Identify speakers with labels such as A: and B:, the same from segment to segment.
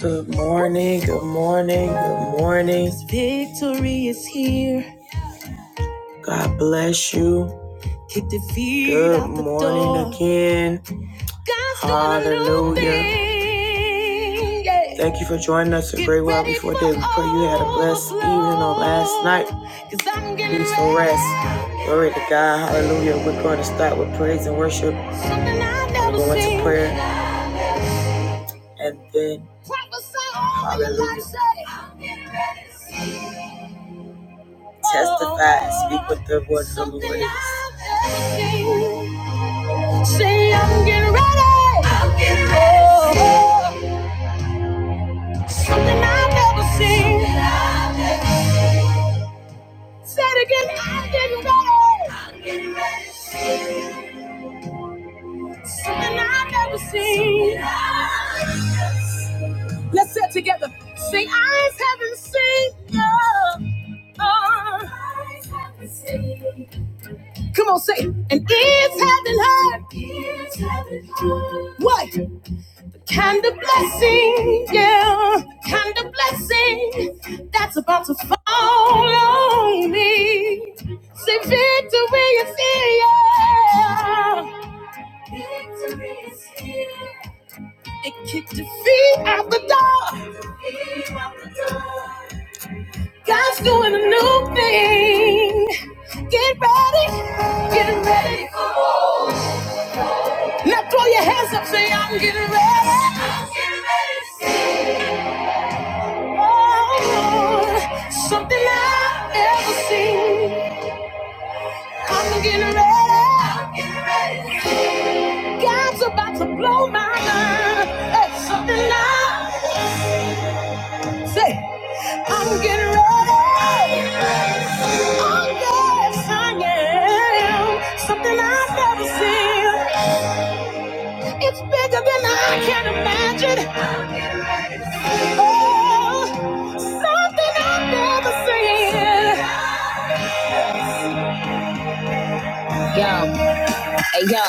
A: Good morning, good morning, good morning. Victory is here. God bless you. Kick defeat Good out the morning door. Good morning again. God's doing Hallelujah. Yeah. Thank you for joining us a Get great while before day. We pray you had a blessed evening on last night. overflow. because Peaceful rest. Glory to God. Hallelujah. We're going to start with praise and worship. We're going to prayer. and then hallelujah, testify and speak what the word of the Lord is. Say I'm getting ready. I'm getting ready. Something I've never seen. Say it again. I'm getting ready. I'm getting ready. Something I've never seen. Let's sit together. Sing, eyes haven't seen your. Eyes haven't seen. Come on, say, it. and ears haven't heard. Ears haven't heard. What The kind of blessing, yeah, The kind of blessing that's about to fall on me. Say, victory is here. Victory is here. It kicked your feet out the door. God's doing a new thing. Get ready. Get ready for more. Now throw your hands up, say, I'm getting ready. I'm getting ready to see. Oh, something I've never seen. I'm getting ready. I'm getting ready to see. God's about to blow my mind. That's something I Say, I'm getting ready. Oh, yes, I am. Something I've never seen. It's bigger than I can imagine. Oh, something I've never seen. Yeah. Hey yo,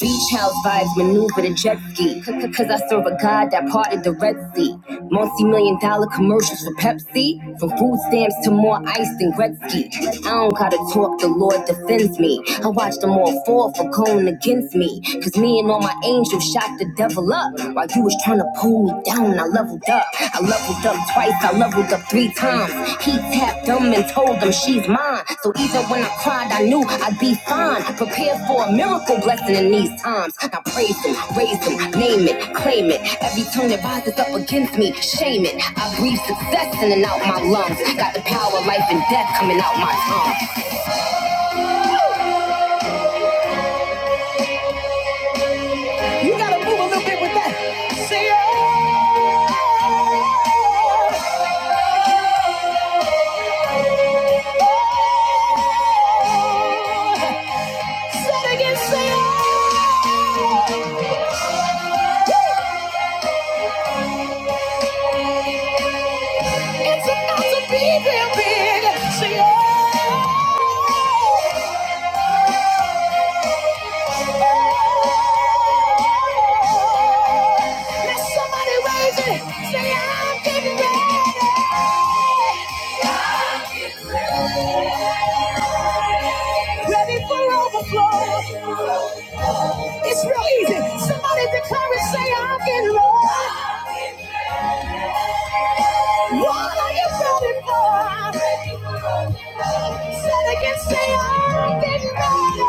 A: beach house vibes maneuver the jet ski. Cause I serve a god that parted the Red Sea. Multi million dollar commercials for Pepsi. From food stamps to more ice than Gretzky. I don't gotta talk, the Lord defends me. I watch them all fall for going against me. Cause me and all my angels shot the devil up. While you was trying to pull me down, I leveled up. I leveled up twice, I leveled up three times. He tapped them and told them she's mine. So even when I cried, I knew I'd be fine. Prepared for a miracle blessing in these times. I praise him, raise him, name it, claim it. Every tongue that rises up against me, shame it. I breathe success in and out my lungs. Got the power of life and death coming out my tongue. You gotta move a little bit with that. Say, oh. oh, oh, oh. Set against the odds. It's about to be real big. Say, oh. Let somebody raise it. Say, I'm getting ready. I'm getting ready. Ready for overflow. It's real easy. Somebody declare and say, I'm getting low. What are you feeling for? I've been Lord. Say it again, say, I'm getting ready.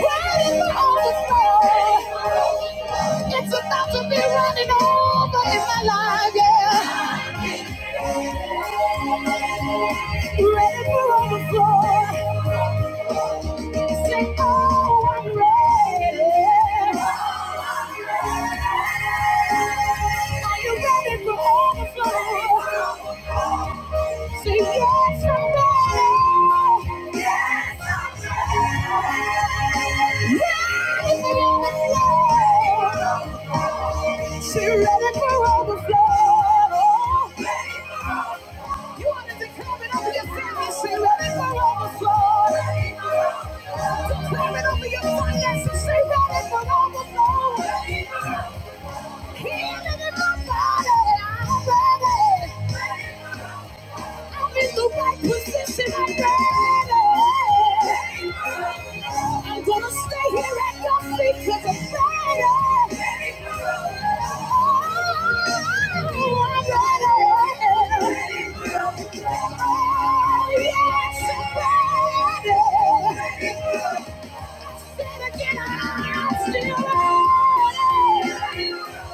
A: Running for overflow. It's about to be running over in my life, yeah ready for overflow. Say, oh, I'm ready. Are you ready for overflow? Say, yes, I'm ready. Yes, Ready for overflow. Say, ready for overflow. You want it to come it over your family, say, let it go overflow. Declare it go overflow. Come in over your finances, say, let it go overflow. Let it go. Healing in my body, I'm ready. Let it go. I'm in the right position already. I'm gonna stay here at your feet cause I'm ready. Oh, yes, I'm ready. Say it again, I'm still ready.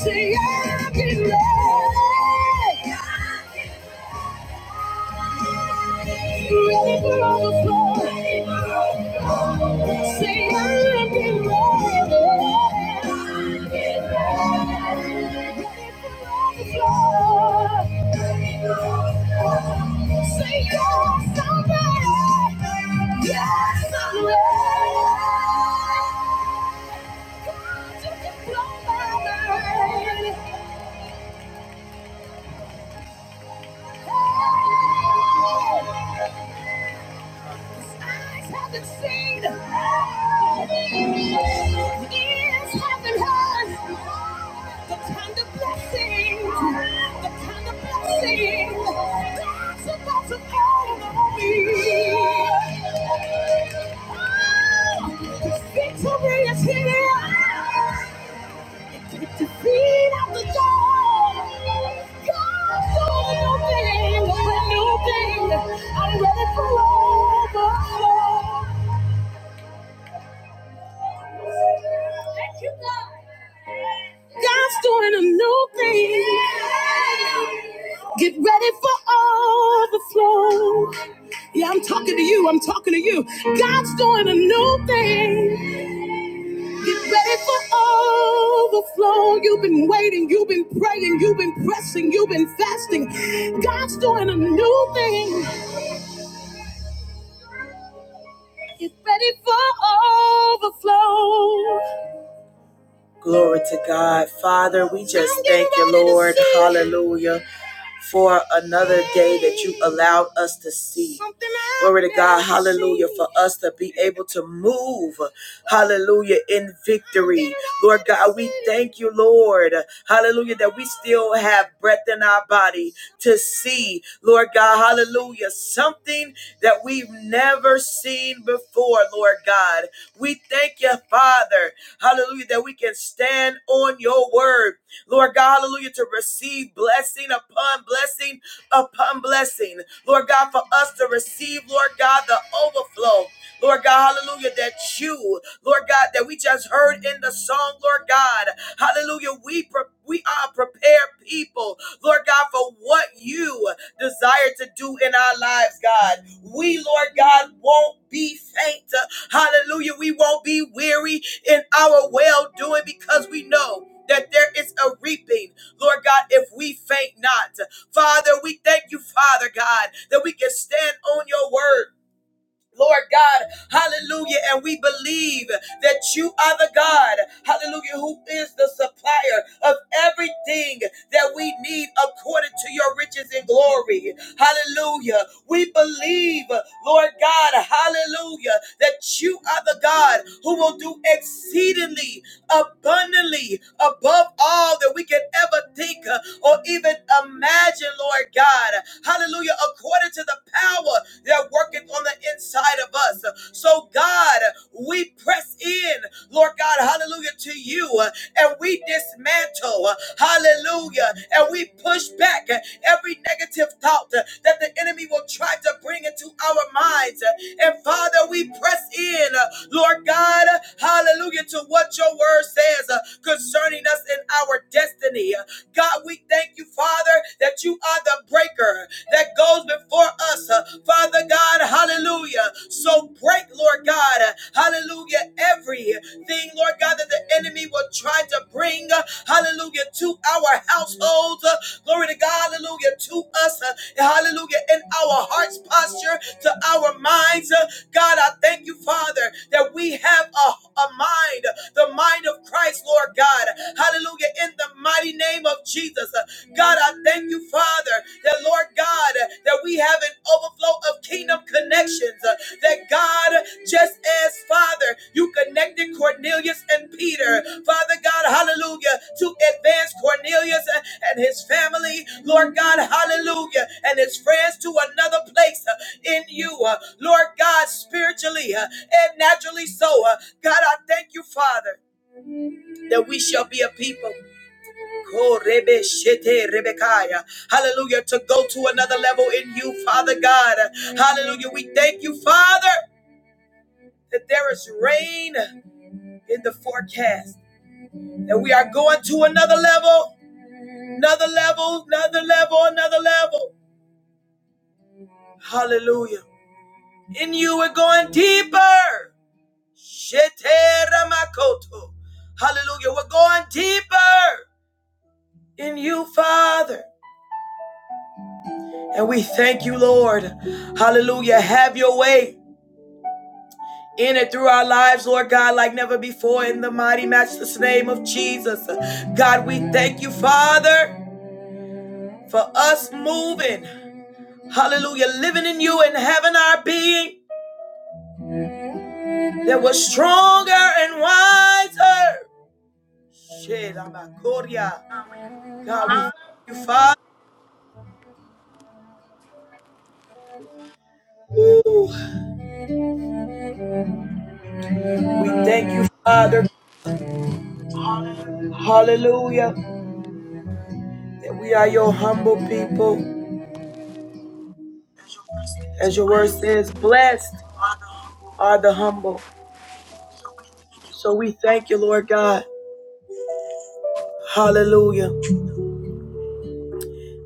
A: Say I've been loved. Yes, I'm ready. eyes haven't seen, ears haven't heard. The kind of blessing, the kind of blessing that's about to fall on me. Oh, victory is here. It's the feet of the dawn. God's doing a new thing, a new thing. I'm ready for overflow. God's doing a new thing. Get ready for overflow. Yeah, I'm talking to you. I'm talking to you. God's doing a new thing. Get ready for overflow. You've been waiting. You've been praying. You've been pressing. You've been fasting. God's doing a new thing. Get ready for overflow. Glory to God. Father, we just thank you, Lord. Hallelujah. For another day that you allowed us to see. Glory to God. Hallelujah. For us to be able to move. Hallelujah. In victory. Lord God, we thank you, Lord. Hallelujah. That we still have breath in our body to see. Lord God. Hallelujah. Something that we've never seen before, Lord God. We thank you Thank you, Father. Hallelujah, that we can stand on your word. Lord God, hallelujah, to receive blessing upon blessing upon blessing. Lord God, for us to receive, Lord God, the overflow. Lord God, hallelujah, that you, Lord God, that we just heard in the song, Lord God, hallelujah, we pre- we are prepared people, Lord God, for what you desire to do in our lives, God. We, Lord God, won't be faint. Hallelujah. We won't be weary in our well doing because we know. That there is a reaping, Lord God, if we faint not. Father, we thank you, Father God, that we can stand on your word Lord God, hallelujah. And we believe that you are the God, hallelujah, who is the supplier of everything that we need according to your riches and glory. Hallelujah. We believe, Lord God, hallelujah, that you are the God who will do exceedingly abundantly above all that we can ever think uh, or even imagine, Lord God. Hallelujah. According according to the power that worketh on the inside of us. So, God, we press in, Lord God, hallelujah, to you, uh, and we dismantle, uh, hallelujah, and we push back uh, every negative thought uh, that the enemy will try to bring into our minds. Uh, And Father, we press in, uh, Lord God, uh, hallelujah, to what your word says uh, concerning us and our destiny. Uh, God, we thank you, Father, declare that you are the breaker that goes before us, uh, Father God, hallelujah. So break, Lord God, uh, hallelujah, everything, Lord God, that the enemy will try to bring, uh, hallelujah, to our households, uh, glory to God, hallelujah, to us, uh, hallelujah, in our heart's posture, to our minds. uh, God, I thank you, Father, that we have a, a mind, the mind of Christ, Lord God, hallelujah, In in the mighty name of Jesus. Uh, God, I thank you, Father, that Lord God, uh, that we have an overflow of kingdom connections. uh, That God, uh, just as Father, you connected Cornelius and Peter, Father God, hallelujah, to advance Cornelius uh, and his family, Lord God, hallelujah, and his friends to another place uh, in you, uh, Lord God, spiritually uh, and naturally so. uh, God, I thank you, Father, that we shall be a people. Oh, Rebe Shete, Rebekaya. Hallelujah. To go to another level in you, Father God. Hallelujah. We thank you, Father, that there is rain in the forecast. That we are going to another level, another level, another level, another level. Hallelujah. In you, we're going deeper. Shete Ramakoto. Hallelujah. We're going deeper in you, Father. And we thank you, Lord. Hallelujah. Have your way. in and through our lives, Lord God, like never before, in the mighty, matchless name of Jesus. God, we thank you, Father, for us moving. Hallelujah, living in you and having our being that was stronger and wiser. Shit, I'm a Korea. God, we thank you, Father. Ooh, We thank you, Father. Hallelujah, that we are your humble people. As your word says, blessed are the humble. So we thank you, Lord God. Hallelujah.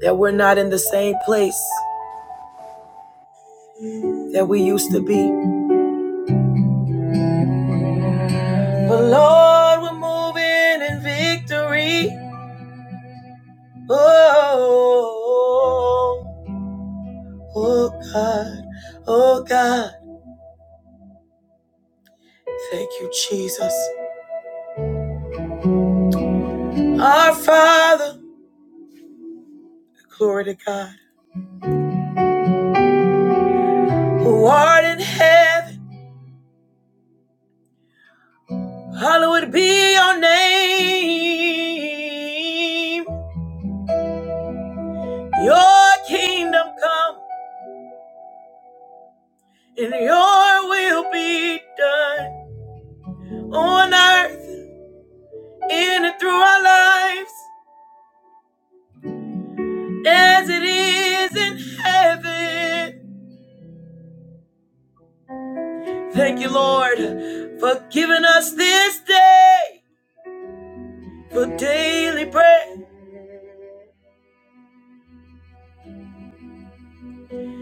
A: That we're not in the same place that we used to be. But Lord, we're moving in victory. Oh, oh oh, God. Oh God. Thank you, Jesus. Our Father, glory to God, who art in heaven, hallowed be your name. Your kingdom come and your will be done on earth, in and through our lives, as it is in heaven. Thank you, Lord, for giving us this day for daily bread.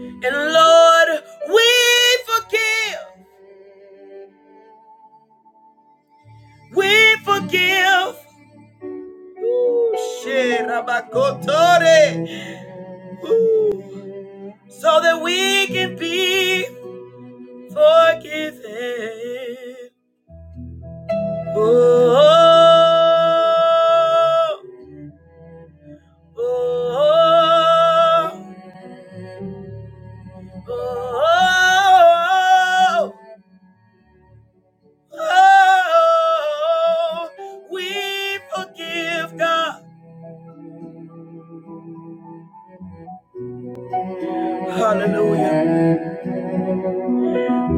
A: And Lord, we forgive, we forgive. so that we can be forgiven. Oh. Oh, oh, oh, oh, we forgive God. Hallelujah.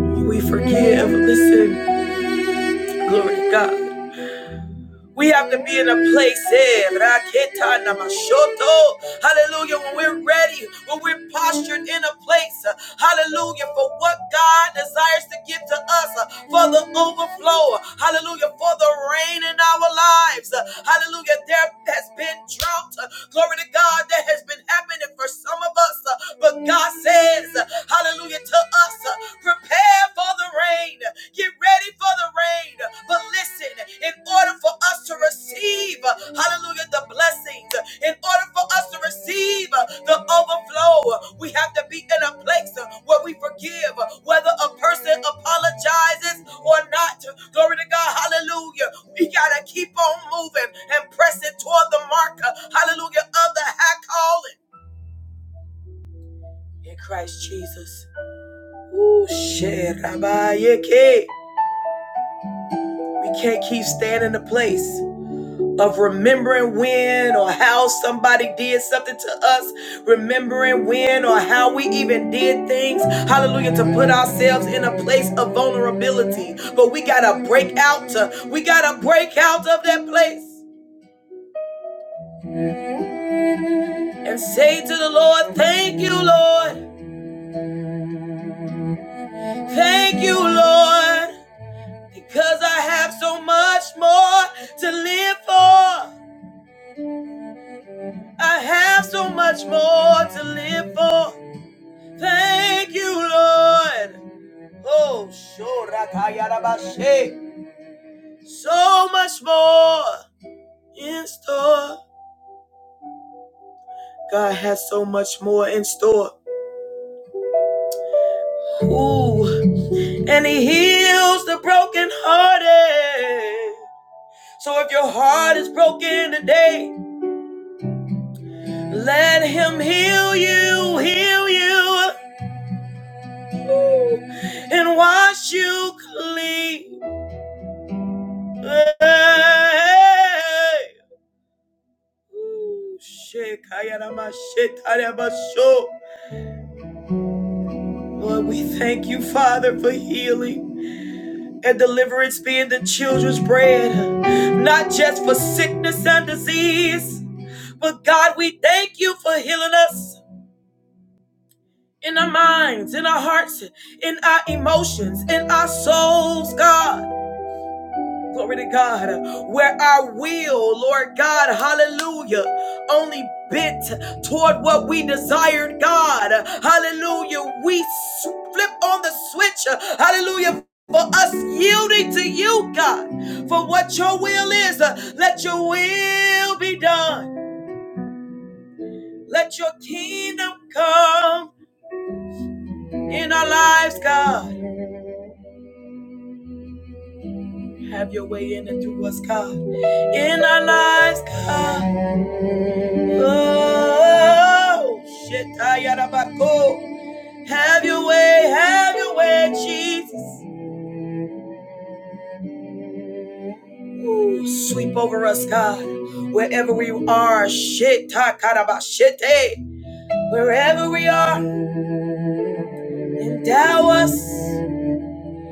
A: We forgive. Listen, glory to God. We have to be in a place, eh, raketa namashoto. hallelujah, when we're ready, when we're postured in a place, uh, hallelujah, for what God desires to give to us, uh, for the overflow, uh, hallelujah, for the rain in our lives, uh, hallelujah, there prayer has been drought. uh, Glory to God, that has been happening for some of us. uh, But God says, uh, hallelujah to us, uh, prepare for the rain. Get ready for the rain. But listen, in order for us to receive, uh, hallelujah, the blessings, uh, in order for us to receive uh, the overflow, uh, we have to be in a place uh, where we forgive, uh, whether a person apologizes or not. Glory to God, hallelujah. We gotta keep on moving and pressing toward the mark, uh, hallelujah, of the high calling in Christ Jesus. Ooh, shit, yeah, we can't keep staying in the place of remembering when or how somebody did something to us, remembering when or how we even did things, hallelujah, to put ourselves in a place of vulnerability. But we gotta break out, uh, we gotta break out of that place. and say to the Lord, Thank you, Lord. Thank you, Lord. Because I have so much more to live for. I have so much more to live for. Thank you, Lord. Oh, shorakayarabashe. so much more in store. God has so much more in store. Ooh, and He heals the brokenhearted. So if your heart is broken today, let him heal you, heal you, and wash you clean. Lord, we thank you, Father, for healing and deliverance being the children's bread, not just for sickness and disease, but God, we thank you for healing us. in our minds, in our hearts, in our emotions, in our souls, God. Glory to God, where our will, Lord God, hallelujah, only bent toward what we desired, God, hallelujah. We flip on the switch, hallelujah, for us yielding to you, God, for what your will is. Let your will be done, let your kingdom come in our lives, God. Have your way in and through us, God. In our lives, God. Oh, shit. ayarabako. Have your way, have your way, Jesus. Ooh, sweep over us, God. Wherever we are, shit. takarabashete. Wherever we are, endow us.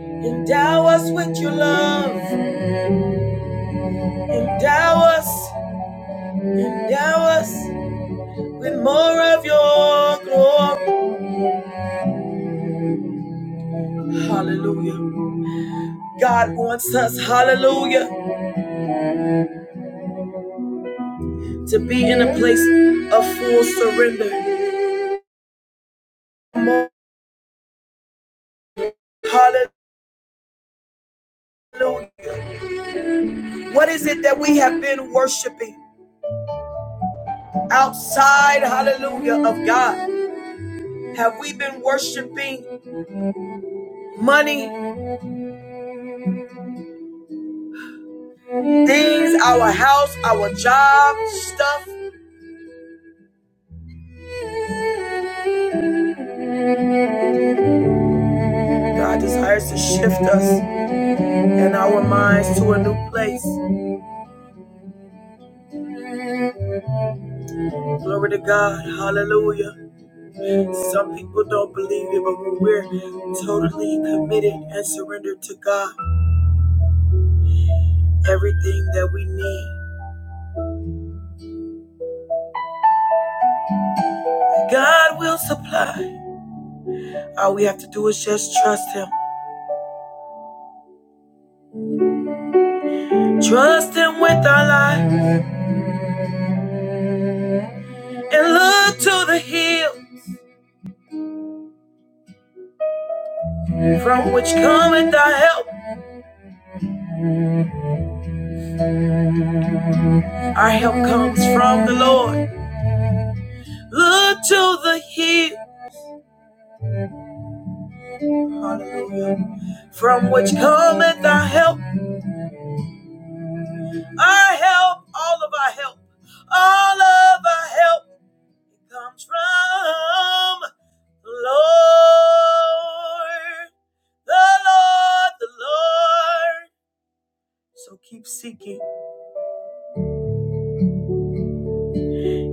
A: Endow us with your love. Endow us. Endow us with more of your glory. Hallelujah. God wants us, hallelujah, to be in a place of full surrender. Hallelujah. What is it that we have been worshiping outside, hallelujah, of God? Have we been worshiping money, things, our house, our job, stuff? God desires to shift us and our minds to a new place. Glory to God. Hallelujah. Some people don't believe it, but when we're totally committed and surrendered to God, everything that we need. God will supply. All we have to do is just trust Him. Trust Him with our life, and look to the hill from which cometh our help. Our help comes from the Lord. Look to the hill, hallelujah, from which cometh our help. Our help, all of our help, all of our help comes from the Lord. the Lord, the Lord. So keep seeking,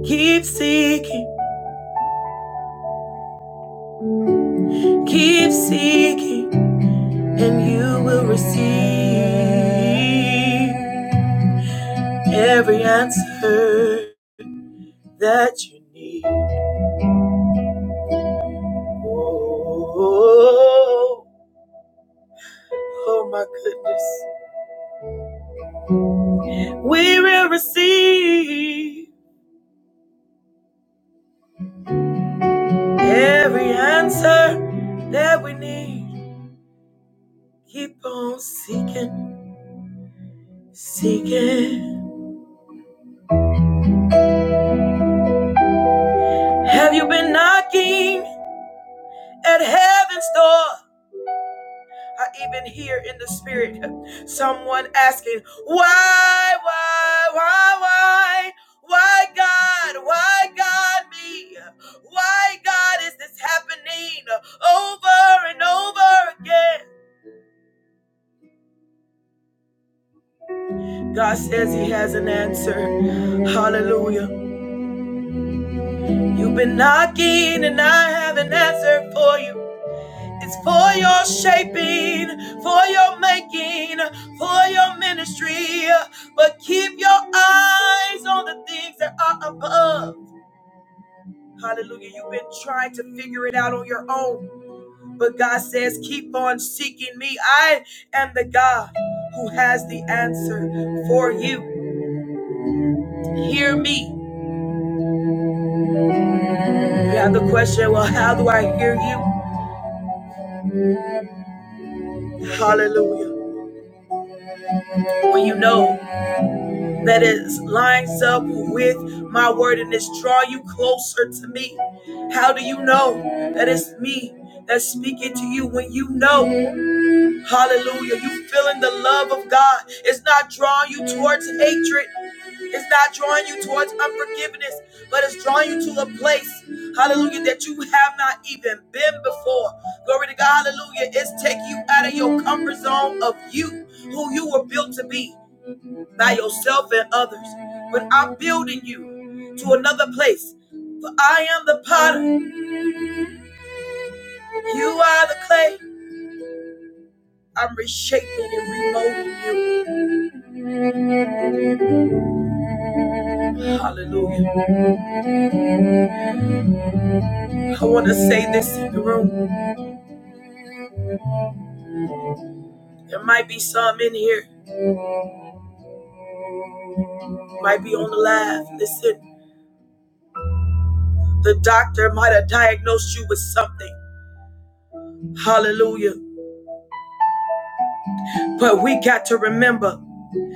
A: keep seeking, keep seeking, and you will receive every answer that you need. Oh, oh my goodness. We will receive every answer that we need. Keep on seeking, seeking. Have you been knocking at heaven's door? I even hear in the spirit someone asking, Why, why, why, why? Why God? Why God me? Why God is this happening over and over again? God says He has an answer. Hallelujah. You've been knocking and I have an answer for you. It's for your shaping, for your making, for your ministry. But keep your eyes on the things that are above. Hallelujah. You've been trying to figure it out on your own. But God says, keep on seeking me. I am the God who has the answer for you. Hear me. You have the question, well, how do I hear you? Hallelujah. When you know that is lines up with my word and it's draw you closer to me. How do you know that it's me that's speaking to you when you know? Hallelujah. You feeling the love of God. It's not drawing you towards hatred. It's not drawing you towards unforgiveness, but it's drawing you to a place, hallelujah, that you have not even been before. Glory to God, hallelujah. It's taking you out of your comfort zone of you, who you were built to be by yourself and others, but I'm building you to another place. For I am the potter, you are the clay. I'm reshaping and remolding you. Hallelujah. I want to say this in the room. There might be some in here, might be on the live. Listen, the doctor might have diagnosed you with something. Hallelujah. But we got to remember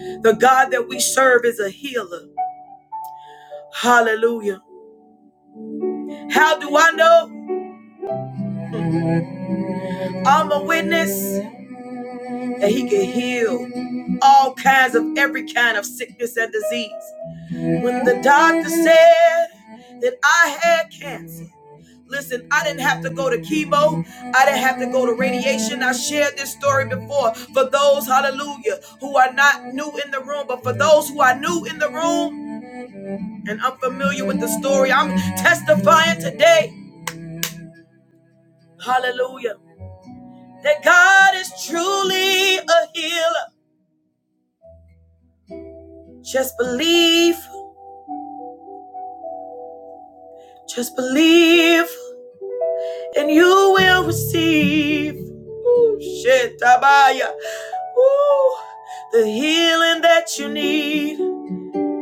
A: the God that we serve is a healer. Hallelujah. How do I know? I'm a witness that he can heal all kinds of every kind of sickness and disease. When the doctor said that I had cancer, listen, I didn't have to go to chemo, I didn't have to go to radiation. I shared this story before for those, hallelujah, who are not new in the room, but for those who are new in the room and unfamiliar with the story, I'm testifying today, hallelujah, that God is truly a healer. Just believe, just believe, and you will receive. Ooh, shit, Tabaya. Ooh, the healing that you need,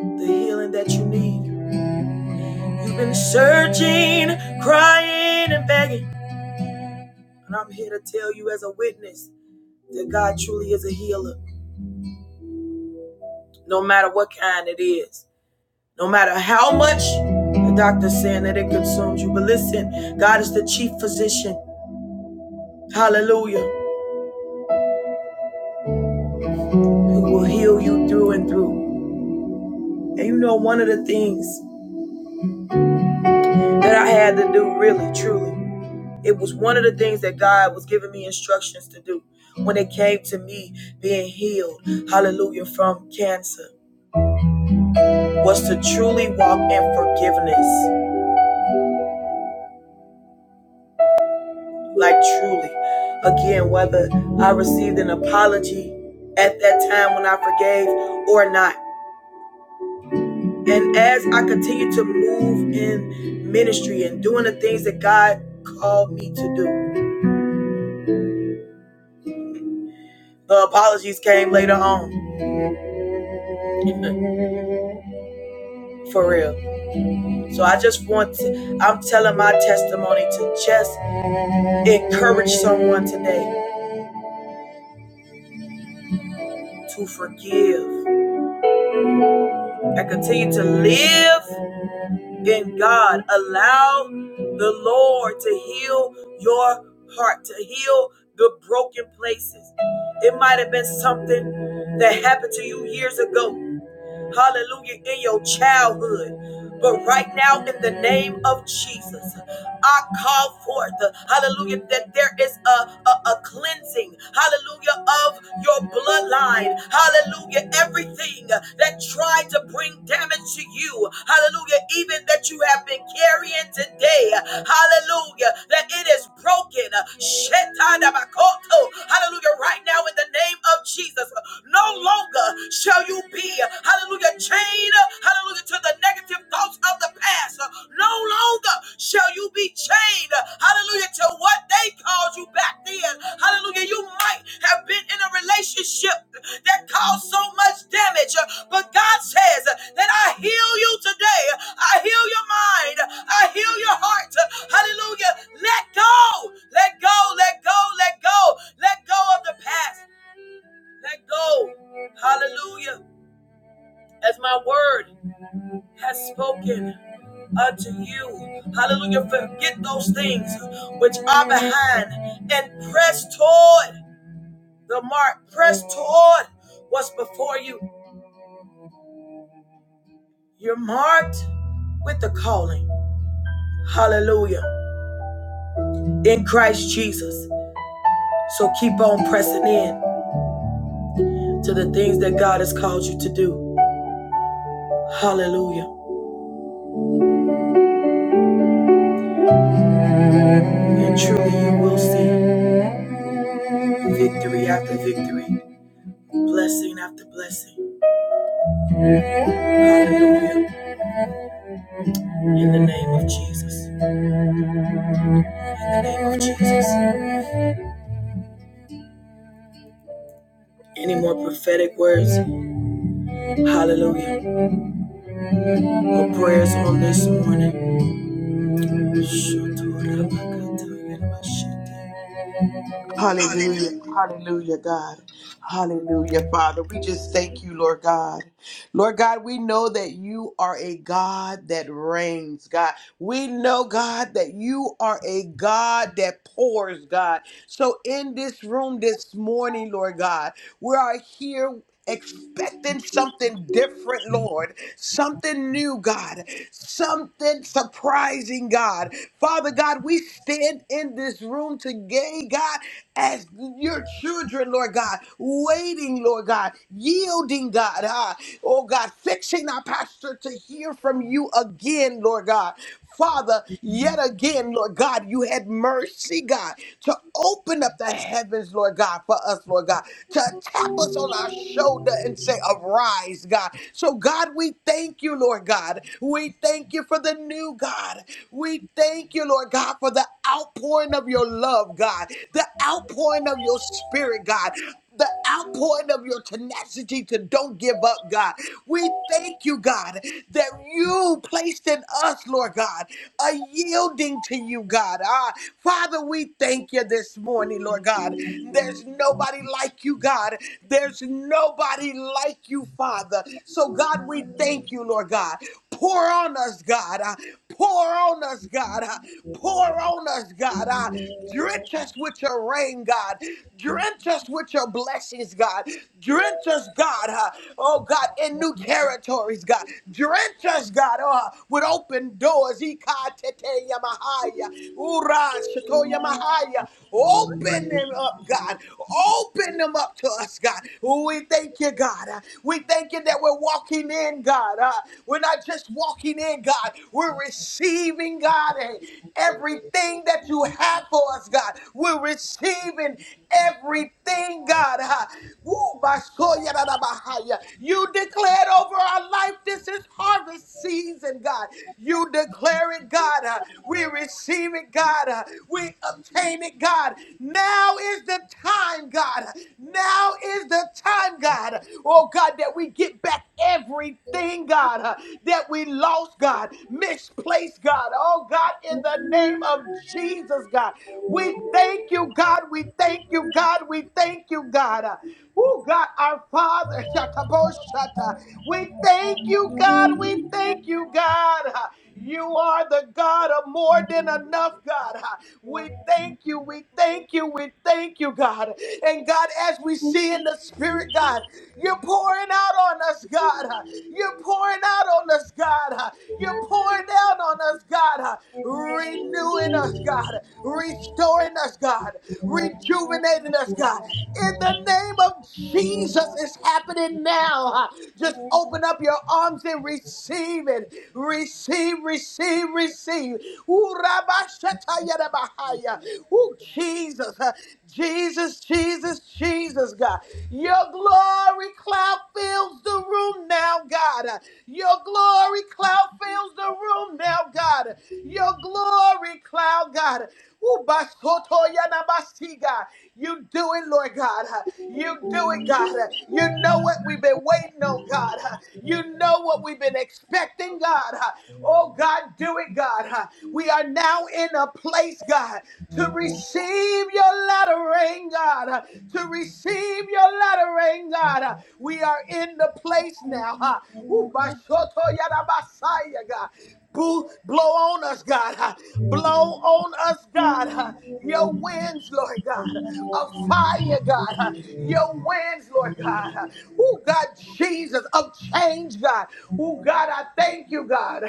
A: the healing that you need. You've been searching, crying, and begging. And I'm here to tell you as a witness that God truly is a healer, no matter what kind it is, no matter how much the doctor's saying that it consumes you. But listen, God is the chief physician. Hallelujah. who will heal you through and through. And you know, one of the things that I had to do, really, truly, it was one of the things that God was giving me instructions to do when it came to me being healed, hallelujah, from cancer, was to truly walk in forgiveness. Like, truly. Again, whether I received an apology at that time when I forgave or not. And as I continue to move in ministry and doing the things that God called me to do, The apologies came later on, for real. So I just want to, I'm telling my testimony to just encourage someone today to forgive and continue to live in God. Allow the Lord to heal your heart, to heal the broken places. It might have been something that happened to you years ago hallelujah, in your childhood. But right now, in the name of Jesus, I call forth, hallelujah, that there is a, a, a cleansing, hallelujah, of your bloodline, hallelujah, everything that tried to bring damage to you, hallelujah, even that you have been carrying today, hallelujah, that it is broken, hallelujah, right now in the name of Jesus, no longer longer shall you be, hallelujah, chained, hallelujah, to the negative thoughts of the past. No longer shall you be chained, hallelujah, to what they called you back then. Hallelujah, you might have been in a relationship that caused so much damage, but God says that I heal you today. I heal your mind. I heal your heart. Hallelujah. Let go. Let go. Let go. Let go. Let go of the past. Let go. Hallelujah. As my word has spoken unto you. Hallelujah. Forget those things which are behind and press toward the mark. Press toward what's before you. You're marked with the calling. Hallelujah. In Christ Jesus. So keep on pressing in to the things that God has called you to do. Hallelujah. And truly you will see victory after victory. Blessing after blessing. Hallelujah. In the name of Jesus. In the name of Jesus. Any more prophetic words? Hallelujah. Or prayers on this morning? Hallelujah. Anybody else?
B: Hallelujah. Hallelujah, God. Hallelujah, Father. We just thank you, Lord God. Lord God, we know that you are a God that reigns, God. We know, God, that you are a God that pours, God. So in this room this morning, Lord God, we are here expecting something different, Lord, something new, God, something surprising, God. Father God, we stand in this room today, God, as your children, Lord God, waiting, Lord God, yielding, God, ah, oh God, fixing our pastor to hear from you again, Lord God. Father, yet again, Lord God, you had mercy, God, to open up the heavens, Lord God, for us, Lord God, to tap us on our shoulder and say, Arise, God. So, God, we thank you, Lord God. We thank you for the new God. We thank you, Lord God, for the outpouring of your love, God, the outpouring of your spirit, God outpouring of your tenacity to don't give up, God. We thank you, God, that you placed in us, Lord God, a yielding to you, God. Ah, Father, we thank you this morning, Lord God. There's nobody like you, God. There's nobody like you, Father. So, God, we thank you, Lord God. Pour on us, God. Ah, Pour on us, God. Ah, Pour on us, God. Uh, drench us with your rain, God. Drench us with your blessings, God. Drench us, God. Uh, oh, God, in new territories, God. Drench us, God, uh, with open doors. Ika Ikatete yamahaya. Ura shato yamahaya. Open them up, God. Open them up to us, God. We thank you, God. Uh, we thank you that we're walking in, God. Uh, we're not just walking in, God. We're receiving, God, eh, everything that you have for us, God. We're receiving everything, God. huh? Woo, bashoyadadabahaya. You declared over our life this is harvest season, God. You declare it, God. huh? We receive it, God. huh? We obtain it, God. Now is the time, God. Now is the time, God. Oh, God, that we get back everything, God. God, uh, that we lost, God, misplaced, God. Oh, God, in the name of Jesus, God. We thank you, God. We thank you, God. We thank you, God. Uh, Oh, God, our Father. Shataboshata. We thank you, God. We thank you, God. You are the God of more than enough, God. We thank you, we thank you, we thank you, God. And God, as we see in the Spirit, God, you're pouring out on us, God. You're pouring out on us, God. You're pouring down on us, God. Renewing us, God. Restoring us, God. Rejuvenating us, God. In the name of Jesus, it's happening now. Just open up your arms and receive it receive, receive, receive. Ooh, rabashatayarabahaya. Ooh, Jesus, uh, Jesus, Jesus, Jesus, God. Your glory cloud fills the room now, God. Uh, Your glory cloud fills the room now, God. Uh, Your glory cloud, God. Ooh, basotoyanabasi, God. You do it, Lord God. Uh, You do it, God. Uh, You know what we've been waiting on, God. Uh, You know what we've been expecting, God. God. Oh, God, do it, God. We are now in a place, God, to receive your latter rain, God, to receive your latter rain, God. We are in the place now. huh? Ooh, Bashoto Yadabasaya, God. Boo, blow on us, God. Blow on us, God. Your winds, Lord God. Of fire, God. Your winds, Lord God. Oh, God, Jesus, of change, God. Oh, God, I thank you, God.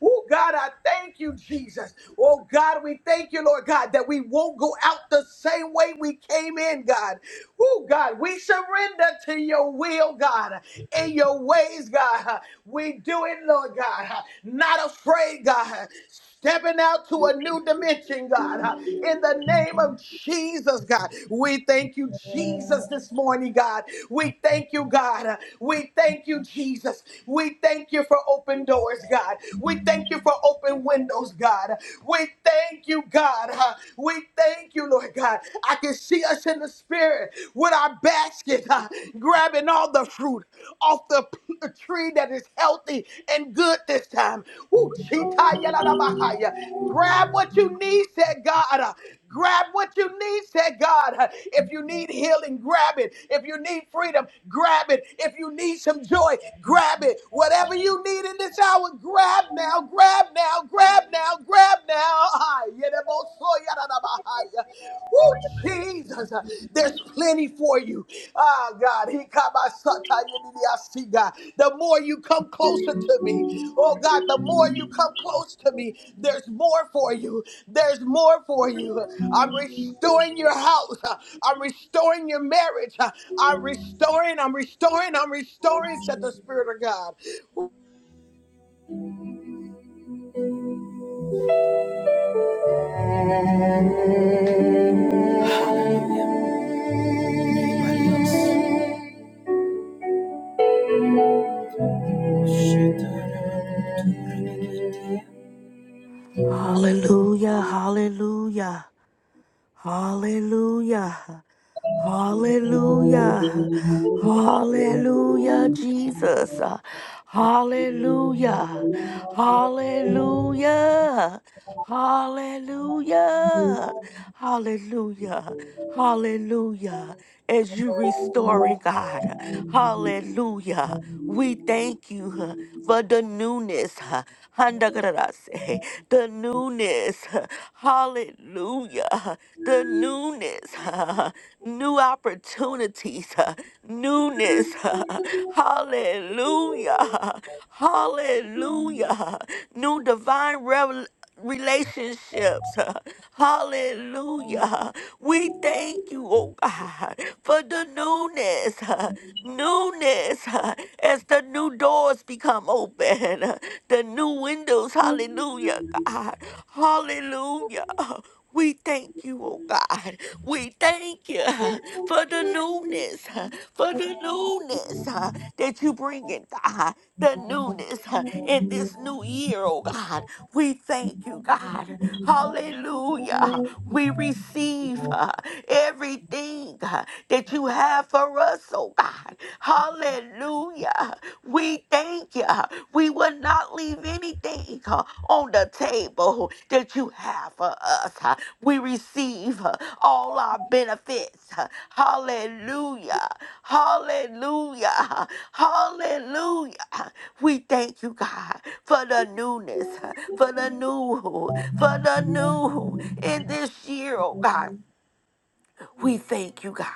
B: Oh, God, I thank you, Jesus. Oh, God, we thank you, Lord God, that we won't go out the same way we came in, God. Oh, God, we surrender to your will, God. God, in your ways, God. We do it, Lord God. Not afraid, God. Stepping out to a new dimension, God. In the name of Jesus, God. We thank you, Jesus, this morning, God. We thank you, God. We thank you, Jesus. We thank you for open doors, God. We thank you for open windows, God. We thank you, God. We thank you, Lord God. I can see see us in the spirit with our basket, uh, grabbing all the fruit off the p- tree that is healthy and good this time. Ooh, chitayalabahaya. Grab what you need, said God. Uh, Grab what you need, said God. Uh, If you need healing, grab it. If you need freedom, grab it. If you need some joy, grab it. Whatever you need in this hour, grab now, grab now, grab now, grab now. Ah, yedebosoyadadabahaya. Woo, Jesus, there's plenty for you. Ah, God, he kabasatayedidiasiga. the more you come closer to me, oh God, the more you come close to me, there's more for you. There's more for you. I'm restoring your house. I'm restoring your marriage. I'm restoring, I'm restoring, I'm restoring, said the Spirit of God.
A: Hallelujah.
C: Hallelujah, hallelujah, hallelujah, hallelujah, hallelujah, Jesus, hallelujah, hallelujah, Hallelujah. Hallelujah. Hallelujah. As you restoring God. Hallelujah. We thank you huh, for the newness. huh, handagarase, The newness. huh, Hallelujah. huh, The newness. huh, New opportunities. huh, Newness. huh, Hallelujah. huh. Hallelujah. huh. New divine revelation relationships. Hallelujah. We thank you, oh God, for the newness, newness as the new doors become open, the new windows. Hallelujah, God. Hallelujah. We thank you, oh God. We thank you for the newness, for the newness that you bring in, God. The newness in this new year, oh God. We thank you, God. Hallelujah. We receive uh, everything uh, that you have for us, oh God. Hallelujah. We thank you. We will not leave anything uh, on the table that you have for us. uh. We receive uh, all our benefits. uh. Hallelujah. Hallelujah. Hallelujah. We thank you, God for the newness, for the new, for the new in this year, oh God. We thank you, God.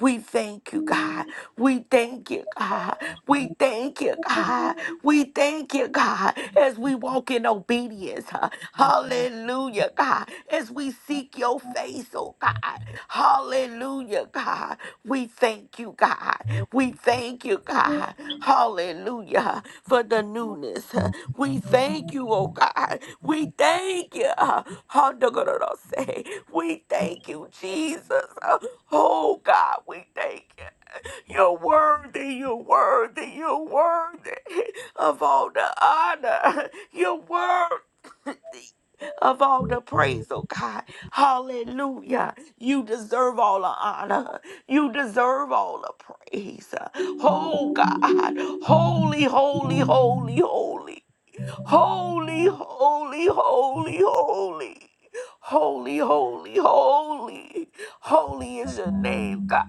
C: We thank you, God. We thank you, God. We thank you, God. We thank you, God, as we walk in obedience. huh? Hallelujah, God. As we seek your face, oh God. Hallelujah, God. We thank you, God. We thank you, God. Hallelujah, for the newness. huh? We thank you, oh God, we thank you. uh, Hondogororose. We thank you, Jesus. Uh, Oh God, we thank you. You're worthy, you're worthy, you're worthy of all the honor. You're worthy. Of all the praise, oh God. Hallelujah. You deserve all the honor. You deserve all the praise. Oh God. Holy, holy, holy, holy. Holy, holy, holy, holy. Holy, holy, holy. Holy is your name, God.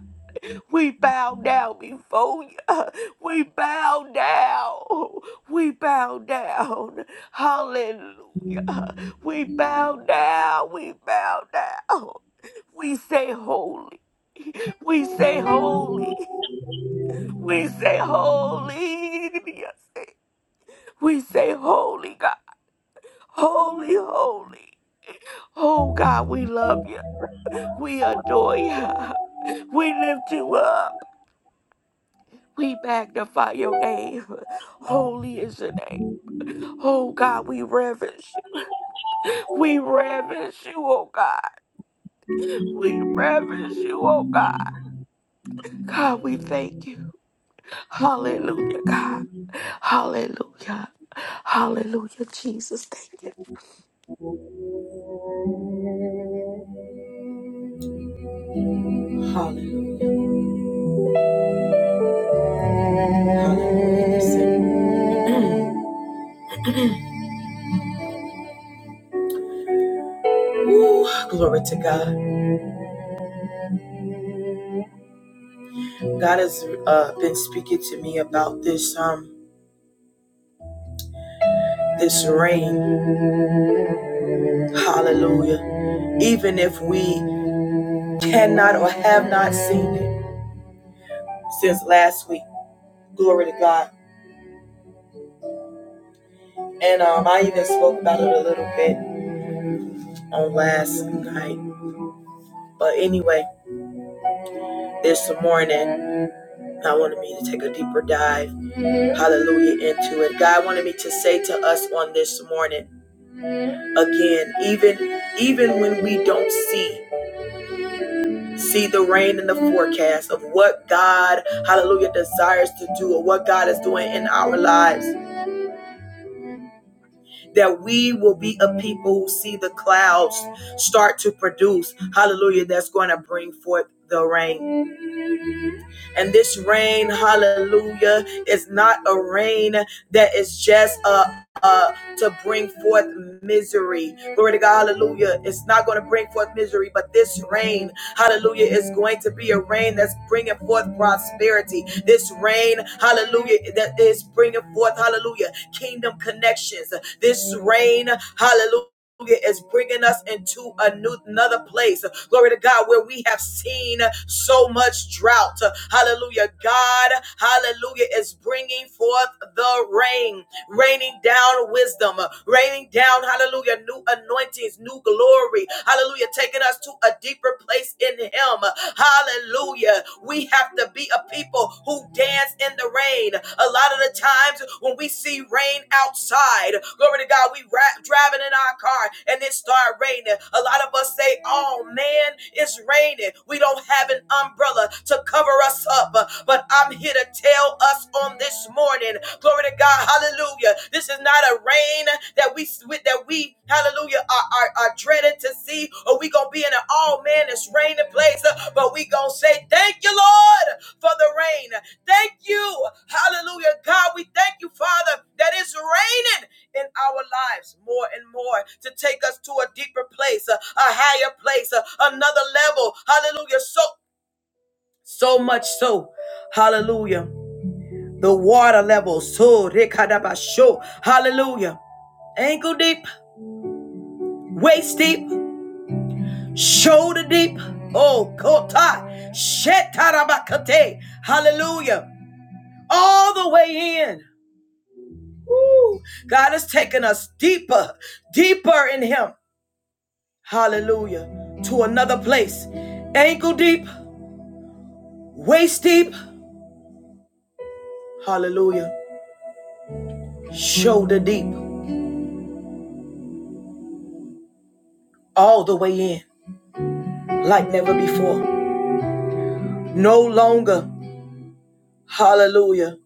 C: We bow down before you. We bow down. We bow down. Hallelujah. We bow down. We bow down. We say holy. We say holy. We say holy. Yes. We say holy, God. Holy, holy. Oh God, we love you. We adore you. We lift you up. We magnify your name. Holy is your name. Oh God, we reverence you. We reverence you, oh God. We reverence you, oh God. God, we thank you. Hallelujah, God. Hallelujah. Hallelujah, Jesus. Thank you.
A: Hallelujah. Ooh! glory to God. God has uh, been speaking to me about this um this rain. Hallelujah. Even if we cannot or have not seen it since last week. Glory to God. And um, I even spoke about it a little bit on last night. But anyway, this morning, I wanted me to take a deeper dive, hallelujah, into it. God wanted me to say to us on this morning, again, even even when we don't see, see the rain in the forecast of what God, hallelujah, desires to do or what God is doing in our lives. that we will be a people who see the clouds start to produce. Hallelujah. That's going to bring forth the rain. And this rain, hallelujah, is not a rain that is just uh, uh, to bring forth misery. Glory to God, hallelujah. It's not going to bring forth misery, but this rain, hallelujah, is going to be a rain that's bringing forth prosperity. This rain, hallelujah, that is bringing forth, hallelujah, kingdom connections. This rain, hallelujah is bringing us into a new another place glory to god where we have seen so much drought hallelujah god hallelujah is bringing forth the rain raining down wisdom raining down hallelujah new anointings new glory hallelujah taking us to a deeper place in him hallelujah we have have to be a people who dance in the rain. A lot of the times when we see rain outside, glory to God, we ra- driving in our car and it start raining. A lot of us say, "Oh man, it's raining. We don't have an umbrella to cover us up." But I'm here to tell us on this morning, glory to God, hallelujah. This is not a rain that we with that we hallelujah are, are, are dreading to see or we gonna be in an all man it's raining place uh, but we gonna say thank you lord for the rain thank you hallelujah god we thank you father that it's raining in our lives more and more to take us to a deeper place uh, a higher place uh, another level hallelujah so so much so hallelujah the water levels so rekadabasho hallelujah ankle deep waist deep, shoulder deep. Oh, kota, shetarabakate. Hallelujah. All the way in. God has taken us deeper, deeper in Him. Hallelujah. To another place. Ankle deep, waist deep. Hallelujah. Shoulder deep. All the way in. Like never before. No longer. Hallelujah.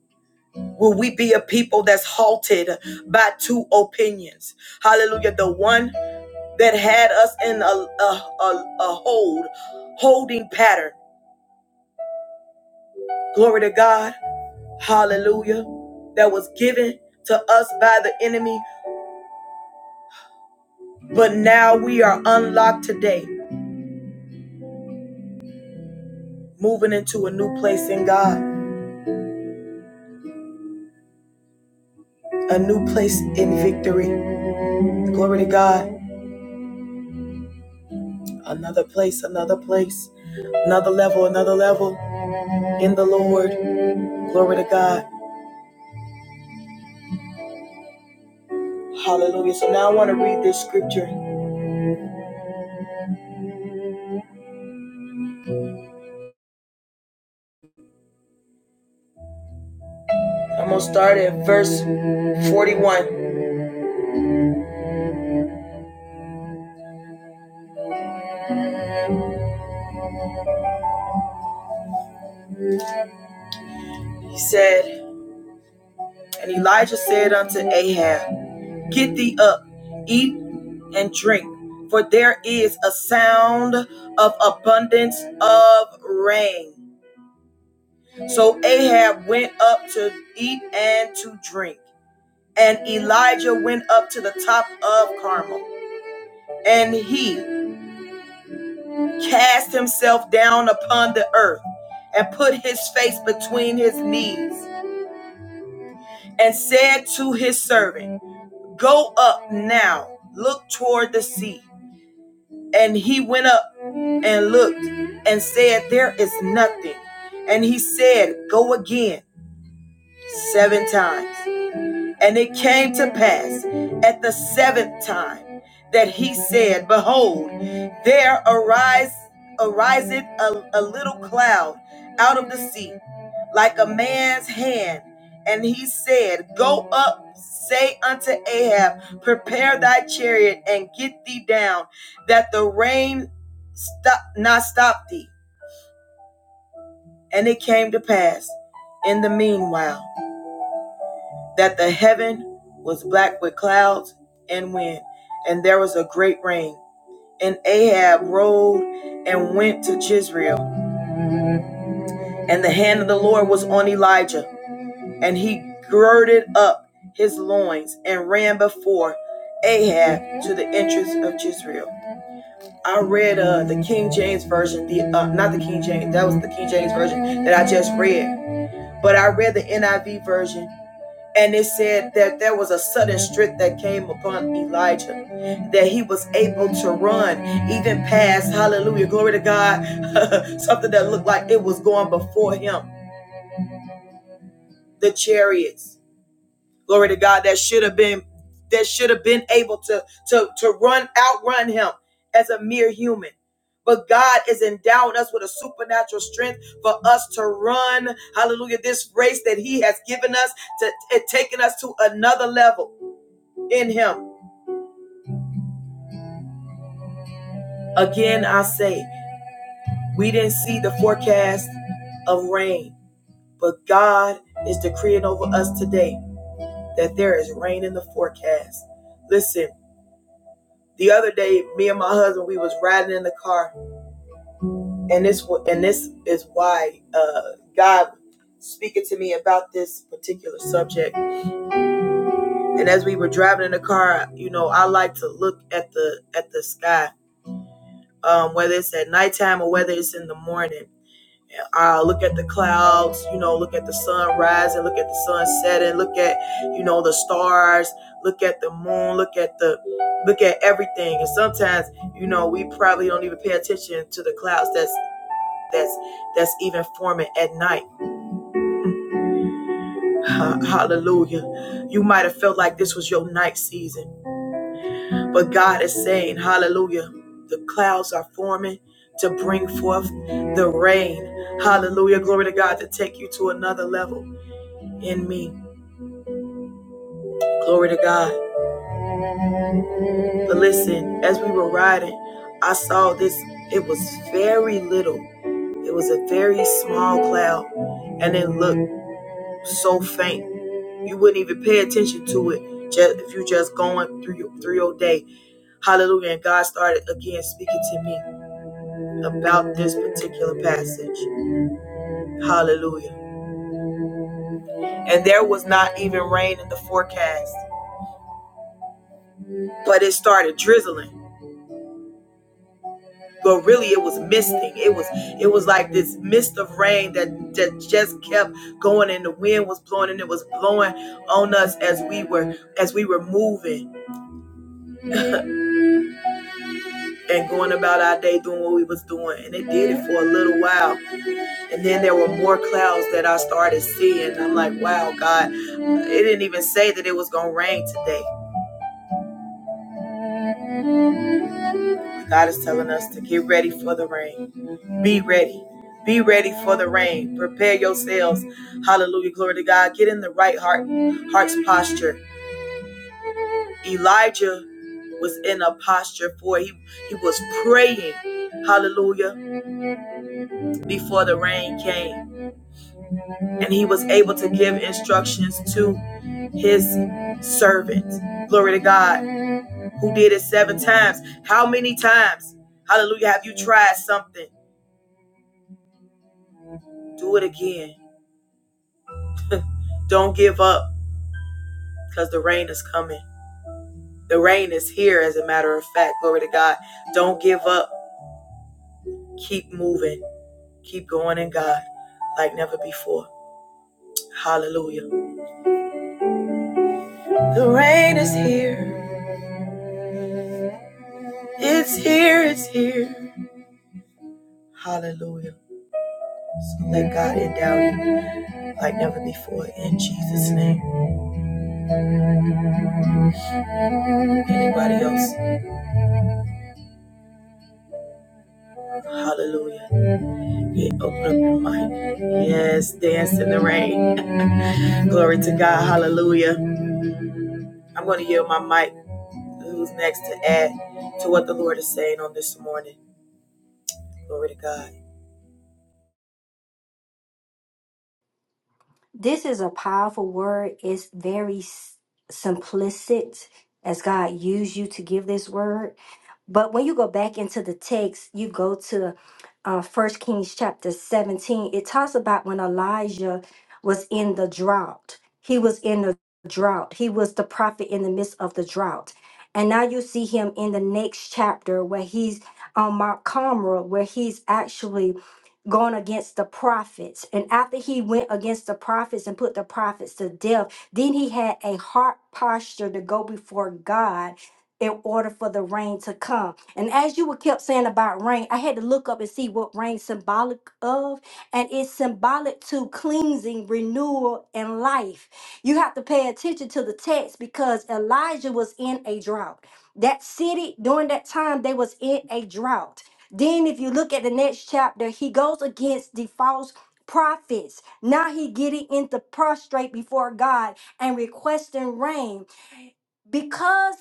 A: Will we be a people that's halted by two opinions? Hallelujah. The one that had us in a, a, a, a hold, holding pattern. Glory to God. Hallelujah. That was given to us by the enemy. But now we are unlocked today, moving into a new place in God, a new place in victory. Glory to God. Another place, another place, another level, another level in the Lord. Glory to God. Hallelujah. So now I want to read this scripture. I'm going to start at verse 41. He said, And Elijah said unto Ahab, Get thee up, eat and drink, for there is a sound of abundance of rain. So Ahab went up to eat and to drink. And Elijah went up to the top of Carmel, and he cast himself down upon the earth and put his face between his knees and said to his servant, Go up now, look toward the sea. And he went up and looked and said, There is nothing. And he said, Go again seven times. And it came to pass at the seventh time that he said, Behold, there arise ariseth a, a little cloud out of the sea, like a man's hand. And he said, Go up, say unto Ahab, Prepare thy chariot and get thee down, that the rain stop not stop thee. And it came to pass in the meanwhile that the heaven was black with clouds and wind, and there was a great rain. And Ahab rode and went to Jezreel, and the hand of the Lord was on Elijah, and he girded up his loins and ran before Ahab to the entrance of Jezreel. I read uh, the King James version, the uh, not the King James, that was the King James version that I just read, but I read the NIV version And it said that there was a sudden strength that came upon Elijah, that he was able to run even past, hallelujah, glory to God, something that looked like it was going before him, the chariots, glory to God, that should have been, that should have been able to, to, to run, outrun him as a mere human. But God is endowing us with a supernatural strength for us to run, hallelujah, this race that He has given us to, and taken us to another level. in him. Again, I say, we didn't see the forecast of rain, but God is decreeing over us today that there is rain in the forecast. Listen, the other day, me and my husband, we was riding in the car, and this and this is why uh, God speaking to me about this particular subject. And as we were driving in the car, you know, I like to look at the at the sky, um, whether it's at nighttime or whether it's in the morning uh, look at the clouds, you know, look at the sun rising, look at the sun setting, look at, you know, the stars, look at the moon, look at the, look at everything. And sometimes, you know, we probably don't even pay attention to the clouds that's, that's, that's even forming at night. Ha- Hallelujah. You might have felt like this was your night season, but God is saying, hallelujah, the clouds are forming to bring forth the rain. Hallelujah. Glory to God to take you to another level. in me. Glory to God. But listen, as we were riding, I saw this. It was very little. It was a very small cloud, and it looked so faint. You wouldn't even pay attention to it just if you just going through your, through your day. Hallelujah. And God started again speaking to me about this particular passage. Hallelujah. And there was not even rain in the forecast, but it started drizzling. but really it was misting it was it was like this mist of rain that, that just kept going and the wind was blowing and it was blowing on us as we were as we were moving and going about our day doing what we was doing and it did it for a little while and then there were more clouds that i started seeing i'm like wow god it didn't even say that it was gonna rain today god is telling us to get ready for the rain Be ready. Be ready for the rain. Prepare yourselves. Hallelujah. Glory to God. Get in the right heart, heart's posture. Elijah was in a posture for he he was praying. Hallelujah. Before the rain came. And he was able to give instructions to his servant. Glory to God. Who did it seven times. How many times? Hallelujah. Have you tried something? Do it again. Don't give up because the rain is coming. The rain is here, as a matter of fact. Glory to God. Don't give up. Keep moving. Keep going in God like never before. Hallelujah. The rain is here. It's here. It's here. Hallelujah. So let God endow you like never before in Jesus' name. Anybody else? Hallelujah. Yeah, open up your mic. Yes, dance in the rain. Glory to God. Hallelujah. I'm going to yield my mic. Who's next to add to what the Lord is saying on this morning? Glory to God.
D: This is a powerful word. It's very s- simplicit as God used you to give this word. But when you go back into the text, you go to uh, 1 Kings chapter 17, it talks about when Elijah was in the drought. He was in the drought. He was the prophet in the midst of the drought. And now you see him in the next chapter where he's on Mount Carmel, where he's actually going against the prophets. And after he went against the prophets and put the prophets to death, then he had a heart posture to go before God in order for the rain to come. And as you were kept saying about rain, I had to look up and see what rain symbolic of. And it's symbolic to cleansing, renewal, and life. You have to pay attention to the text because Elijah was in a drought. That city during that time, they was in a drought then, if you look at the next chapter, he goes against the false prophets. Now he getting into prostrate before God and requesting rain because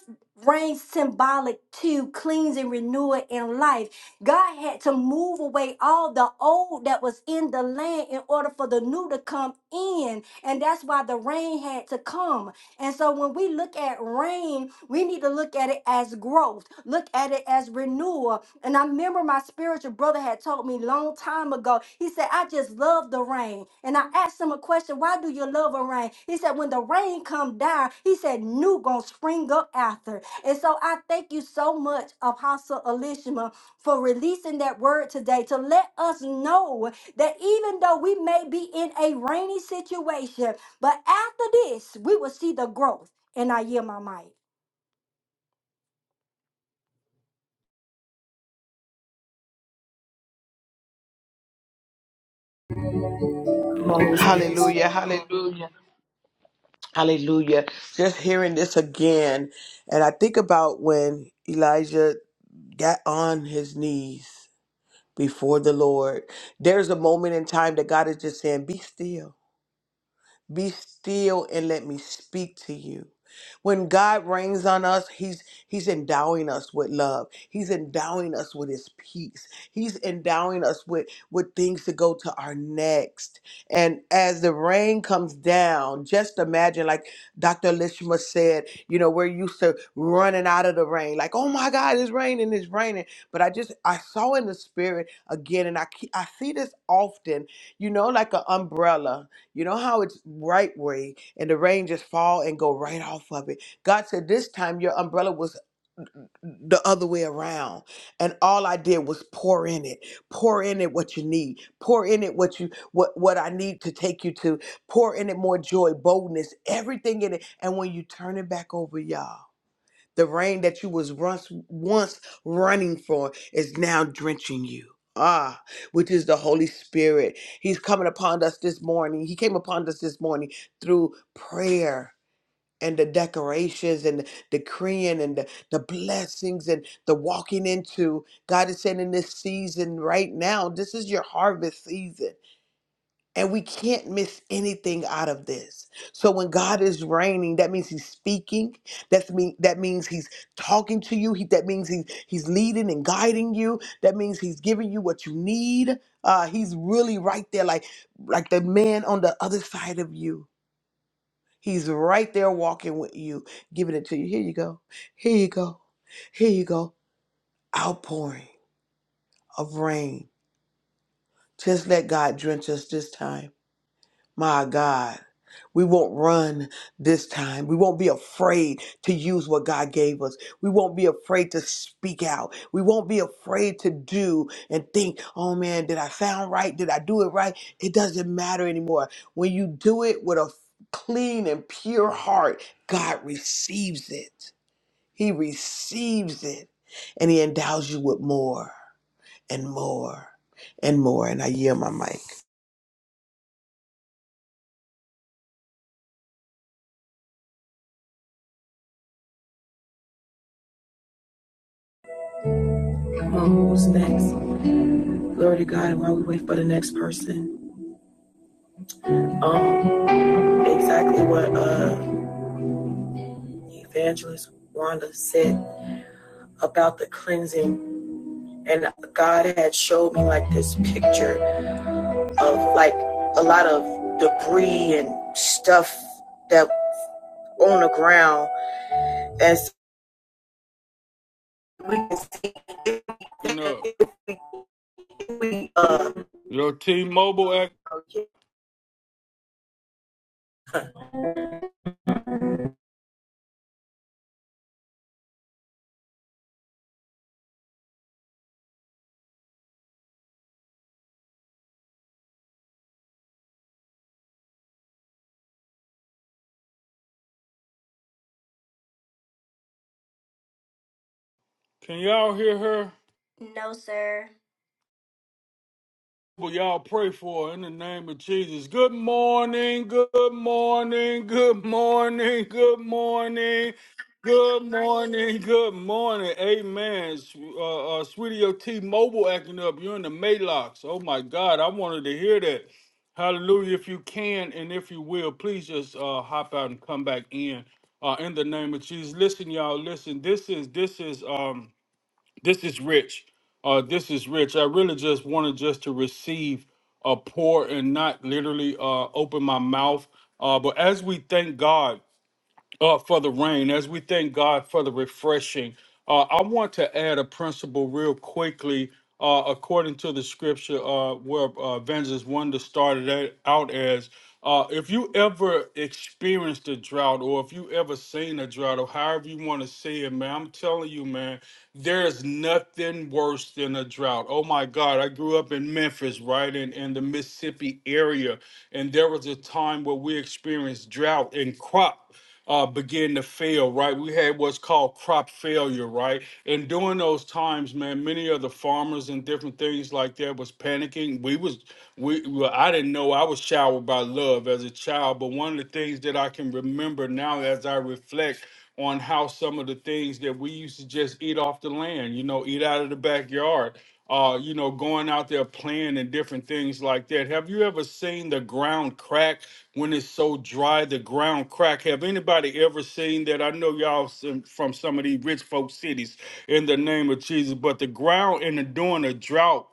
D: rain symbolic to cleanse and renew it in life. God had to move away all the old that was in the land in order for the new to come in, and that's why the rain had to come. And so when we look at rain, we need to look at it as growth, look at it as renewal. And I remember my spiritual brother had told me long time ago, he said, I just love the rain. And I asked him a question, why do you love a rain? He said, when the rain come down, he said, new gonna spring up after. And so I thank you so much, Apostle Elishma, for releasing that word today to let us know that even though we may be in a rainy situation, but after this, we will see the growth. And I yield my mic.
A: Come on, who's next?
B: Hallelujah. Hallelujah. Just hearing this again. And I think about when Elijah got on his knees before the Lord. There's a moment in time that God is just saying, Be still. Be still and let me speak to you. When God reigns on us, he's he's endowing us with love. He's endowing us with his peace. He's endowing us with with things to go to our next. And as the rain comes down, just imagine like Dr. Lishma said, you know, we're used to running out of the rain. Like, "Oh my God, it's raining, it's raining." But I just I saw in the spirit again and I ke- I see this often, you know, like an umbrella you know how it's right way and the rain just fall and go right off of it. God said this time your umbrella was the other way around. And all I did was pour in it. Pour in it what you need. Pour in it what you what what I need to take you to. Pour in it more joy, boldness, everything in it. And when you turn it back over, y'all. The rain that you was once once running for is now drenching you. Ah, which is the Holy Spirit. He's coming upon us this morning. He came upon us this morning through prayer and the decorations and the decreeing and the, the blessings and the walking into. God is saying in this season right now, this is your harvest season. And we can't miss anything out of this. So when God is reigning, that means He's speaking. That's mean that means He's talking to you. He, that means He's He's leading and guiding you. That means He's giving you what you need. Uh, he's really right there, like like the man on the other side of you. He's right there walking with you, giving it to you. Here you go. Here you go. Here you go. Outpouring of rain. Just let God drench us this time. My God. We won't run this time. We won't be afraid to use what God gave us. We won't be afraid to speak out. We won't be afraid to do and think, oh man, did I sound right? Did I do it right? It doesn't matter anymore. When you do it with a clean and pure heart, God receives it. He receives it and He endows you with more and more and more. And I yield my mic.
A: Come on, who's next? Glory to God. While we wait for the next person, um, exactly what uh, Evangelist Wanda said about the cleansing, and God had showed me like this picture of like a lot of debris and stuff that on the ground, as we can see.
E: And up.
A: We uh,
E: your T Mobile, act-
A: okay.
E: can y'all hear her?
D: No, sir.
E: But y'all pray for her in the name of Jesus. Good morning, good morning, good morning, good morning, good morning, good morning. Amen. Sw- Uh, uh, sweetie, your T Mobile acting up. You're in the Maylocks. Oh my God, I wanted to hear that. Hallelujah. If you can and if you will, please just uh, hop out and come back in. Uh, in the name of Jesus. Listen, y'all, listen. This is, this is, um, this is rich uh this is rich i really just wanted just to receive a pour and not literally uh open my mouth uh but as we thank god uh, for the rain, as we thank God for the refreshing. Uh, I want to add a principle real quickly, uh, according to the scripture uh, where uh, Evangelist Wonder started it out as. Uh, if you ever experienced a drought, or if you ever seen a drought, or however you want to say it, man, I'm telling you, man, there is nothing worse than a drought. Oh my God, I grew up in Memphis, right in, in the Mississippi area, and there was a time where we experienced drought and crop uh, begin to fail, right? We had what's called crop failure, right? And during those times, man, many of the farmers and different things like that was panicking. We was we well, I didn't know I was showered by love as a child, but one of the things that I can remember now as I reflect on how some of the things that we used to just eat off the land, you know, eat out of the backyard. Uh, you know, going out there playing and different things like that. Have you ever seen the ground crack? when it's so dry the ground crack have anybody ever seen that i know y'all some, from some of these rich folk cities in the name of jesus but the ground in the during a drought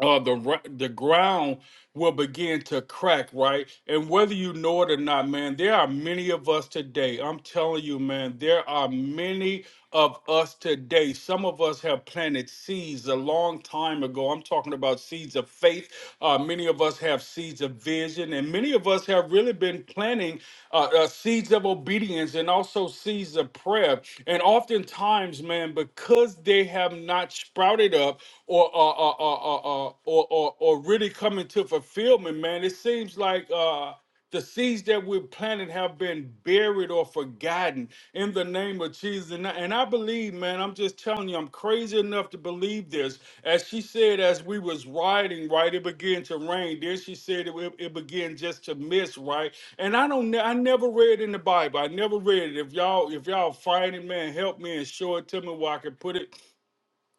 E: uh, the ra- the ground will begin to crack, right? And whether you know it or not, man, there are many of us today. I'm telling you, man, there are many of us today. Some of us have planted seeds a long time ago. I'm talking about seeds of faith. Uh, many of us have seeds of vision, and many of us have really been planting uh, uh, seeds of obedience and also seeds of prayer. And oftentimes, man, because they have not sprouted up or or or or or, or, or, or really come into fulfillment, man, it seems like. Uh, the seeds that we're planting have been buried or forgotten in the name of Jesus. And I, and I believe, man, I'm just telling you, I'm crazy enough to believe this. As she said, as we was riding, right, it began to rain. Then she said it, it, it began just to mist, right? And I don't, ne- I never read in the Bible. I never read it. If y'all, if y'all find it, man, help me and show it to me where I can put it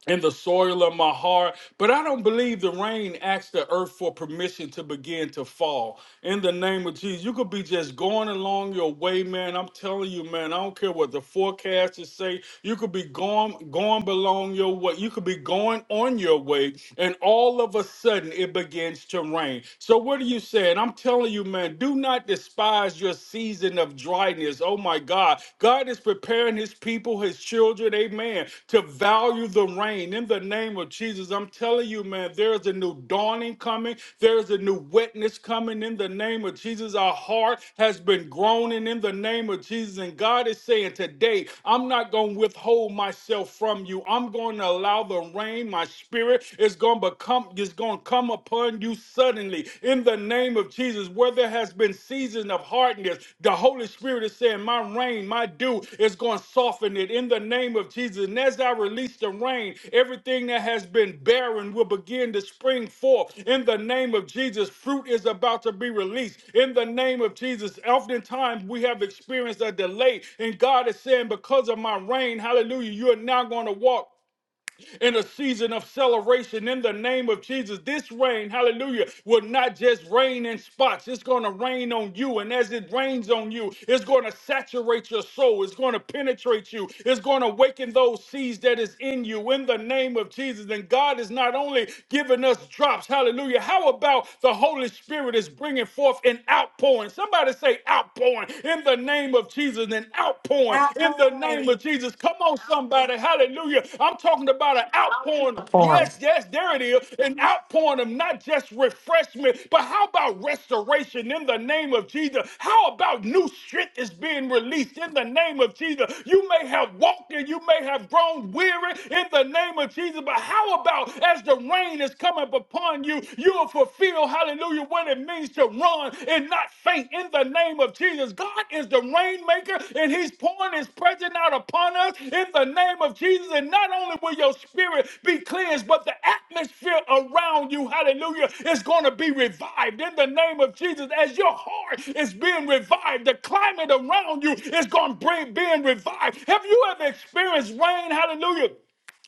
E: in the soil of my heart. But I don't believe the rain asks the earth for permission to begin to fall. In the name of Jesus, you could be just going along your way, man. I'm telling you, man. I don't care what the forecasters say. You could be going going along your way. You could be going on your way, and all of a sudden it begins to rain. So what are you saying? I'm telling you, man. Do not despise your season of dryness. Oh Oh my God. God is preparing his people, his children, amen, to value the rain in the name of Jesus. I'm telling you, man, there is a new dawning coming. There is a new witness coming in the name of Jesus. Our heart has been groaning in the name of Jesus. And God is saying today, I'm not going to withhold myself from you. I'm going to allow the rain. My spirit is going to become, is going to come upon you suddenly suddenly in the name of Jesus, where there has been season of hardness, the Holy Spirit is saying, My rain, my dew is going to soften it in the name of Jesus. And as I release the rain, everything that has been barren will begin to spring forth in the name of Jesus. Fruit is about to be released in the name of Jesus. Oftentimes we have experienced a delay, and God is saying, Because of my rain, hallelujah, you are now going to walk in a season of celebration in the name of Jesus. This rain, hallelujah, will not just rain in spots. It's going to rain on you. And as it rains on you, it's going to saturate your soul. It's going to penetrate you. It's going to awaken those seeds that is in you in the name of Jesus. And God is not only giving us drops, hallelujah. How about the Holy Spirit is bringing forth an outpouring? Somebody say outpouring in the name of Jesus. Jesus an outpouring in the name
D: Outpouring.
E: of Jesus. Come on, somebody. Hallelujah. I'm talking about an outpouring. Yes,
F: morning.
E: yes, there it is. An outpouring of not just refreshment, but how about restoration in the name of Jesus? How about new strength is being released in the name of Jesus? You may have walked and you may have grown weary in the name of Jesus, but how about as the rain is coming upon you, you'll fulfill know, hallelujah, what it means to run and not faint in the name of Jesus. God is the rainmaker and he's pouring his presence out upon us in the name of Jesus. And not only will your spirit be cleansed, but the atmosphere around you, hallelujah, is going to be revived in the name of Jesus. As your heart is being revived, the climate around you is going to be being revived. Have you ever experienced rain, hallelujah?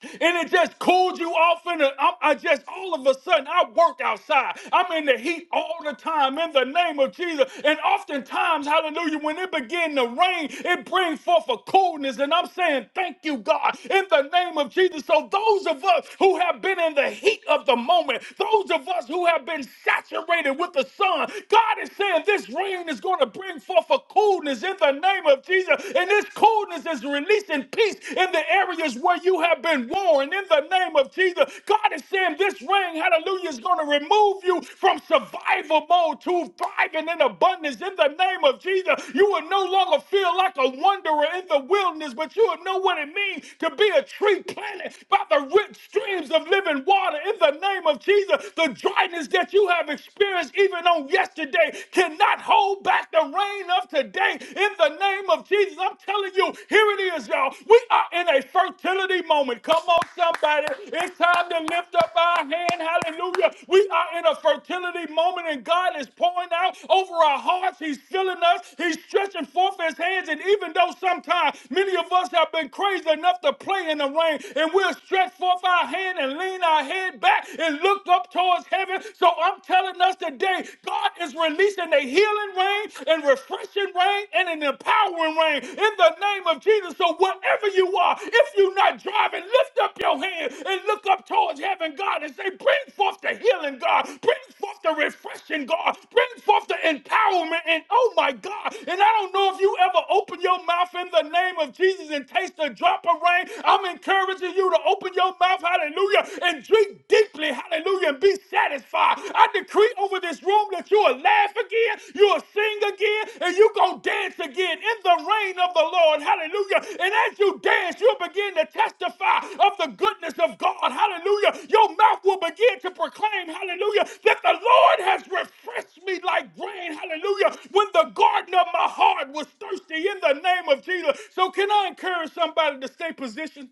E: and it just cooled you off. In the, I, I just all of a sudden I work outside. I'm in the heat all the time in the name of Jesus. And oftentimes, Hallelujah, when it begin to rain, it brings forth a coolness. And I'm saying thank you, God, in the name of Jesus. So those of us who have been in the heat of the moment, those of us who have been saturated with the sun, God is saying this rain is going to bring forth a coolness in the name of Jesus. And this coolness promise is releasing peace in the areas where you have been worn. In the name of Jesus, God is saying this ring, hallelujah, is going to remove you from survival mode to thriving in abundance. In the name of Jesus, you will no longer feel like a wanderer in the wilderness, but you will know what it means to be a tree planted by the rich streams of living water. In the name of Jesus, the dryness that you have experienced even on yesterday cannot hold back the rain slain us today in the name of Jesus. I'm telling you, here it is, y'all. We are in a fertility moment. Come on, somebody. It's time to lift up our hand. Hallelujah. We are in a fertility moment, and God is pouring out over our hearts. He's filling us. He's stretching forth his hands. And even though sometimes many of us have been crazy enough to play in the rain, and we'll stretch forth our hand and lean our head back and look up towards heaven. So I'm telling us today, God is releasing a healing rain and refreshing rain and an empowering rain in the name of Jesus. So wherever you are, if you're not driving, lift up your hand and look up towards heaven, God, and say, bring forth the healing, God. Bring forth the refreshing, God. Bring forth the empowerment. And oh my God. And I don't know if you ever open your mouth in the name of Jesus and taste a drop of rain. I'm encouraging you to open your mouth, hallelujah, and drink drink deeply, hallelujah, and be satisfied. I decree over this room that you will laugh again, you will sing again, and you going to dance again in the reign of the Lord, hallelujah. And as you dance, you'll begin to testify of the goodness of God, hallelujah. Your mouth will begin to proclaim, hallelujah, that the Lord has refreshed me like grain, hallelujah, when the garden of my heart was thirsty in the name of Jesus. So, can I encourage somebody to stay positioned?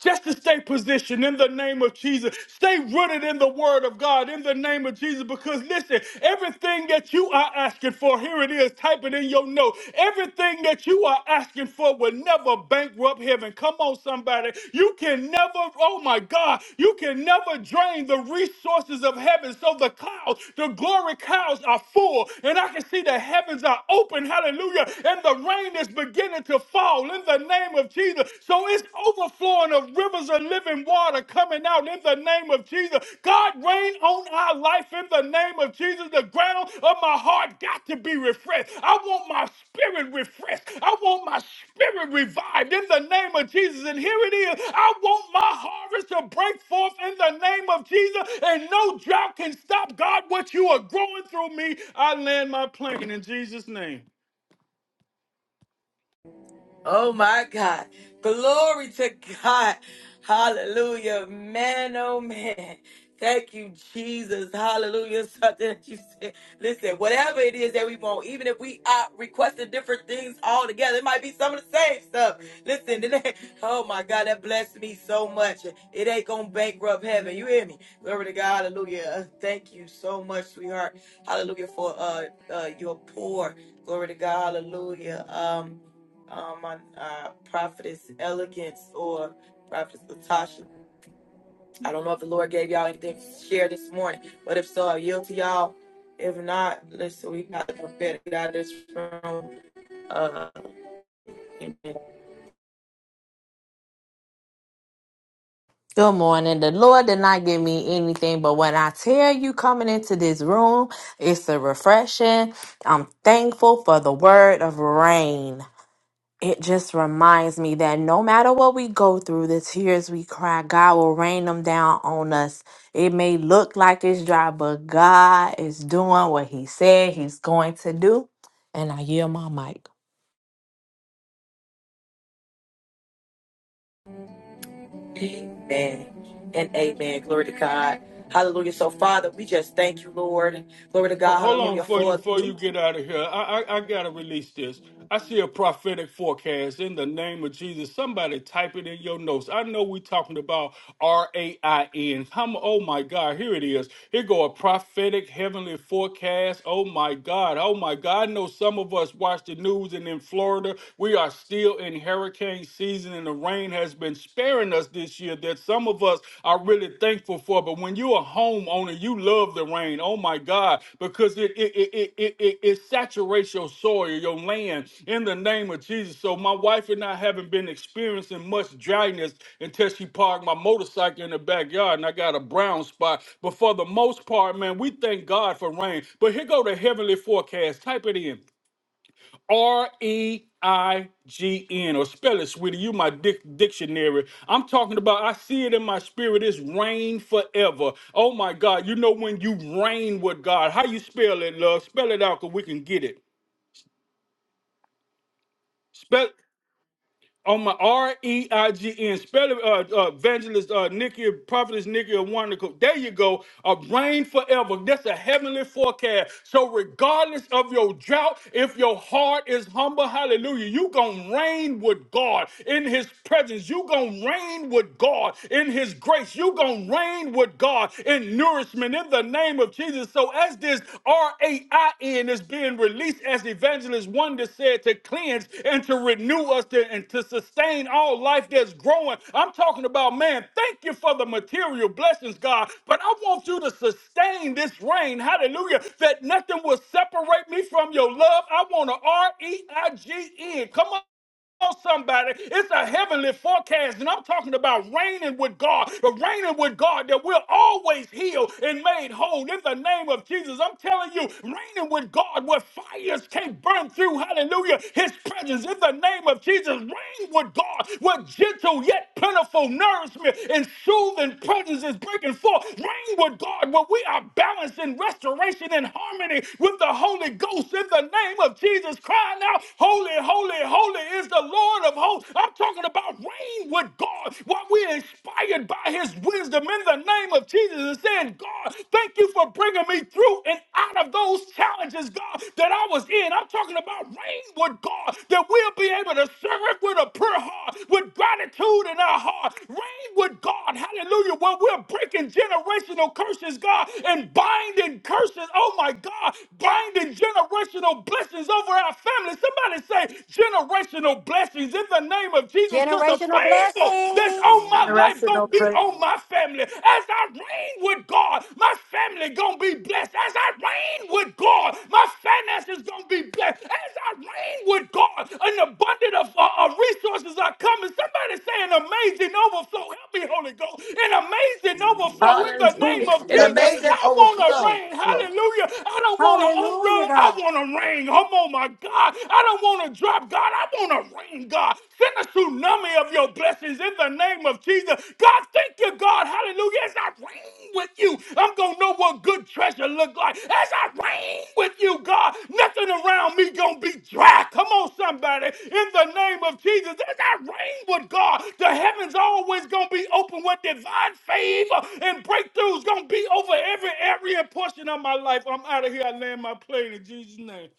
E: just to stay positioned in the name of Jesus. Stay rooted in the word of God in the name of Jesus. Because listen, everything that you are asking for, here it is, type it in your note. Everything that you are asking for will never bankrupt heaven. Come on, somebody. You can never, oh my God, you can never drain the resources of heaven. So the clouds, the glory clouds are full. And I can see the heavens are open. Hallelujah. And the rain is beginning to fall out in the name of Jesus. So it's overflowing of rivers of living water coming out in the name of Jesus. God, reign on our life in the name of Jesus. The ground of my heart got to be refreshed. I want my spirit refreshed. I want my spirit revived in the name of Jesus. And here it is. I want my harvest to break forth in the name of Jesus. And no drought can stop God what you are growing through me. I land my plane in Jesus' name.
A: Oh my God. Glory to God. Hallelujah. Man, oh man. Thank you, Jesus. Hallelujah. Something that you said. Listen, whatever it is that we want, even if we are requesting different things all together, it might be some of the same stuff. Listen, it ain't- oh my God, that blessed me so much. It ain't going to bankrupt heaven. You hear me? Glory to God. Hallelujah. Uh, Thank you so much, sweetheart. Hallelujah for uh, uh your poor. Glory to God. Hallelujah. Um, um, my uh, prophetess Elegance or prophetess Latasha. I don't know if the Lord gave y'all anything to share this morning, but if so, I yield to y'all. If not, listen, we got the prophetic to get out of this room. Uh, and
F: Good morning. The Lord did not give me anything, but when I tell you coming into this room, it's a refreshing. I'm thankful for the word of rain. It just reminds me that no matter what we go through, the tears we cry, God will rain them down on us. It may look like it's dry, but God is doing what He said He's going to do. And I yield my mic.
A: amen. And amen. Glory to God. Hallelujah. So, Father, we just thank you, Lord. Glory to
E: Ho-
A: God.
E: Hold on
A: Hallelujah.
E: before you
A: For
E: before you
A: you.
E: get out of here. I, I I gotta release this. I see a prophetic forecast in the name of Jesus. Somebody type it in your notes. I know we talking about R A I N. Come, oh my God, here it is. Here go a prophetic heavenly forecast. Oh my God, oh my God. I know some of us watch the news, and in Florida, we are still in hurricane season, and the rain has been sparing us us this year that some of us are really thankful for. But when you're a homeowner, you love the rain. Oh my God, because it it it it it, it, it saturates your soil, your land in the name of Jesus. So my wife and I haven't been experiencing much dryness until she parked my motorcycle in the backyard and I got a brown spot. But for the most part, man, we thank God for rain. But here go the heavenly forecast. Type it in. R E I G N, or spell it, sweetie. You my dic- dictionary. I'm talking about. I see it in my spirit. It's rain forever. Oh my God! You know when you reign with God. How you spell it, love? Spell it out, cause we can get it. Spell. on my R E I G N, spell it, uh, uh, evangelist uh, Nikki, prophetess Nikki or Wonderful. There you go. A brain forever. That's a heavenly forecast. So, regardless of your drought, if your heart is humble, hallelujah, you gonna reign with God in His presence. You gonna reign with God in His grace. You gonna reign with God in nourishment in the the name of Jesus. So as this R-A-I-N is being released, as evangelist wonder said, to cleanse and to renew us to, and to sustain all life that's growing. I'm talking about, man, thank you for the material blessings, God. But I want you to sustain this rain. Hallelujah. That nothing will separate me from your love. I want an R-E-I-G-N. Come on. Oh, somebody, it's a heavenly forecast, and I'm talking about reigning with God, but reigning with God that we're always healed and made whole in the name of Jesus. I'm telling you, reigning with God where fires can't burn through, hallelujah, his presence in the name of Jesus. Reign with God where gentle yet plentiful nourishment and soothing presence is breaking forth. Reign with God where we are balanced in restoration and harmony with the Holy Ghost in the name of Jesus. Crying out, Holy, holy, say, Holy is the Lord of hosts. I'm talking about reign with God. What we're inspired by his wisdom in the name of Jesus and saying, God, thank you for bringing me through and out of those challenges, God, that I was in. I'm talking about reign with God, that we'll be able to serve with a pure heart, with gratitude in our heart. Reign with God, hallelujah, where we're breaking generational curses, God, and binding curses, oh my God, binding generational blessings over our families. Somebody Somebody say generational blessings in the name of Jesus because the
D: Generational
E: favor that's
D: blessings.
E: on my life
A: Rest in
E: going
A: no
E: to be
A: praise.
E: on my family. As I reign with God, my family going to be blessed. As I reign with God, my finances going to be blessed. As I reign with God, an abundance of uh, uh, resources are coming. Somebody say an amazing overflow. Help me, Holy Ghost. An amazing overflow in the name
A: Hallelujah.
E: of
A: An
E: Jesus.
A: amazing
B: Amazing
E: I want to
A: flow.
E: reign.
B: overflow.
E: Hallelujah. I don't want an umbrella.
D: Hallelujah,
E: I
D: God.
E: want to reign. Come on, my God. I don't want to drop, God. I want to rain, God. Send a tsunami of your blessings in the name of Jesus. God, thank you, God. Hallelujah. As I rain with you, I'm going to know what good treasure look like. As I rain with you, God, nothing around me going to be dry. Come on, somebody. In the name of Jesus, as I rain with God, the heavens always going to be open with divine favor and breakthroughs going to be over every area and portion of my life. I'm out of here. I land my plane in Jesus' name.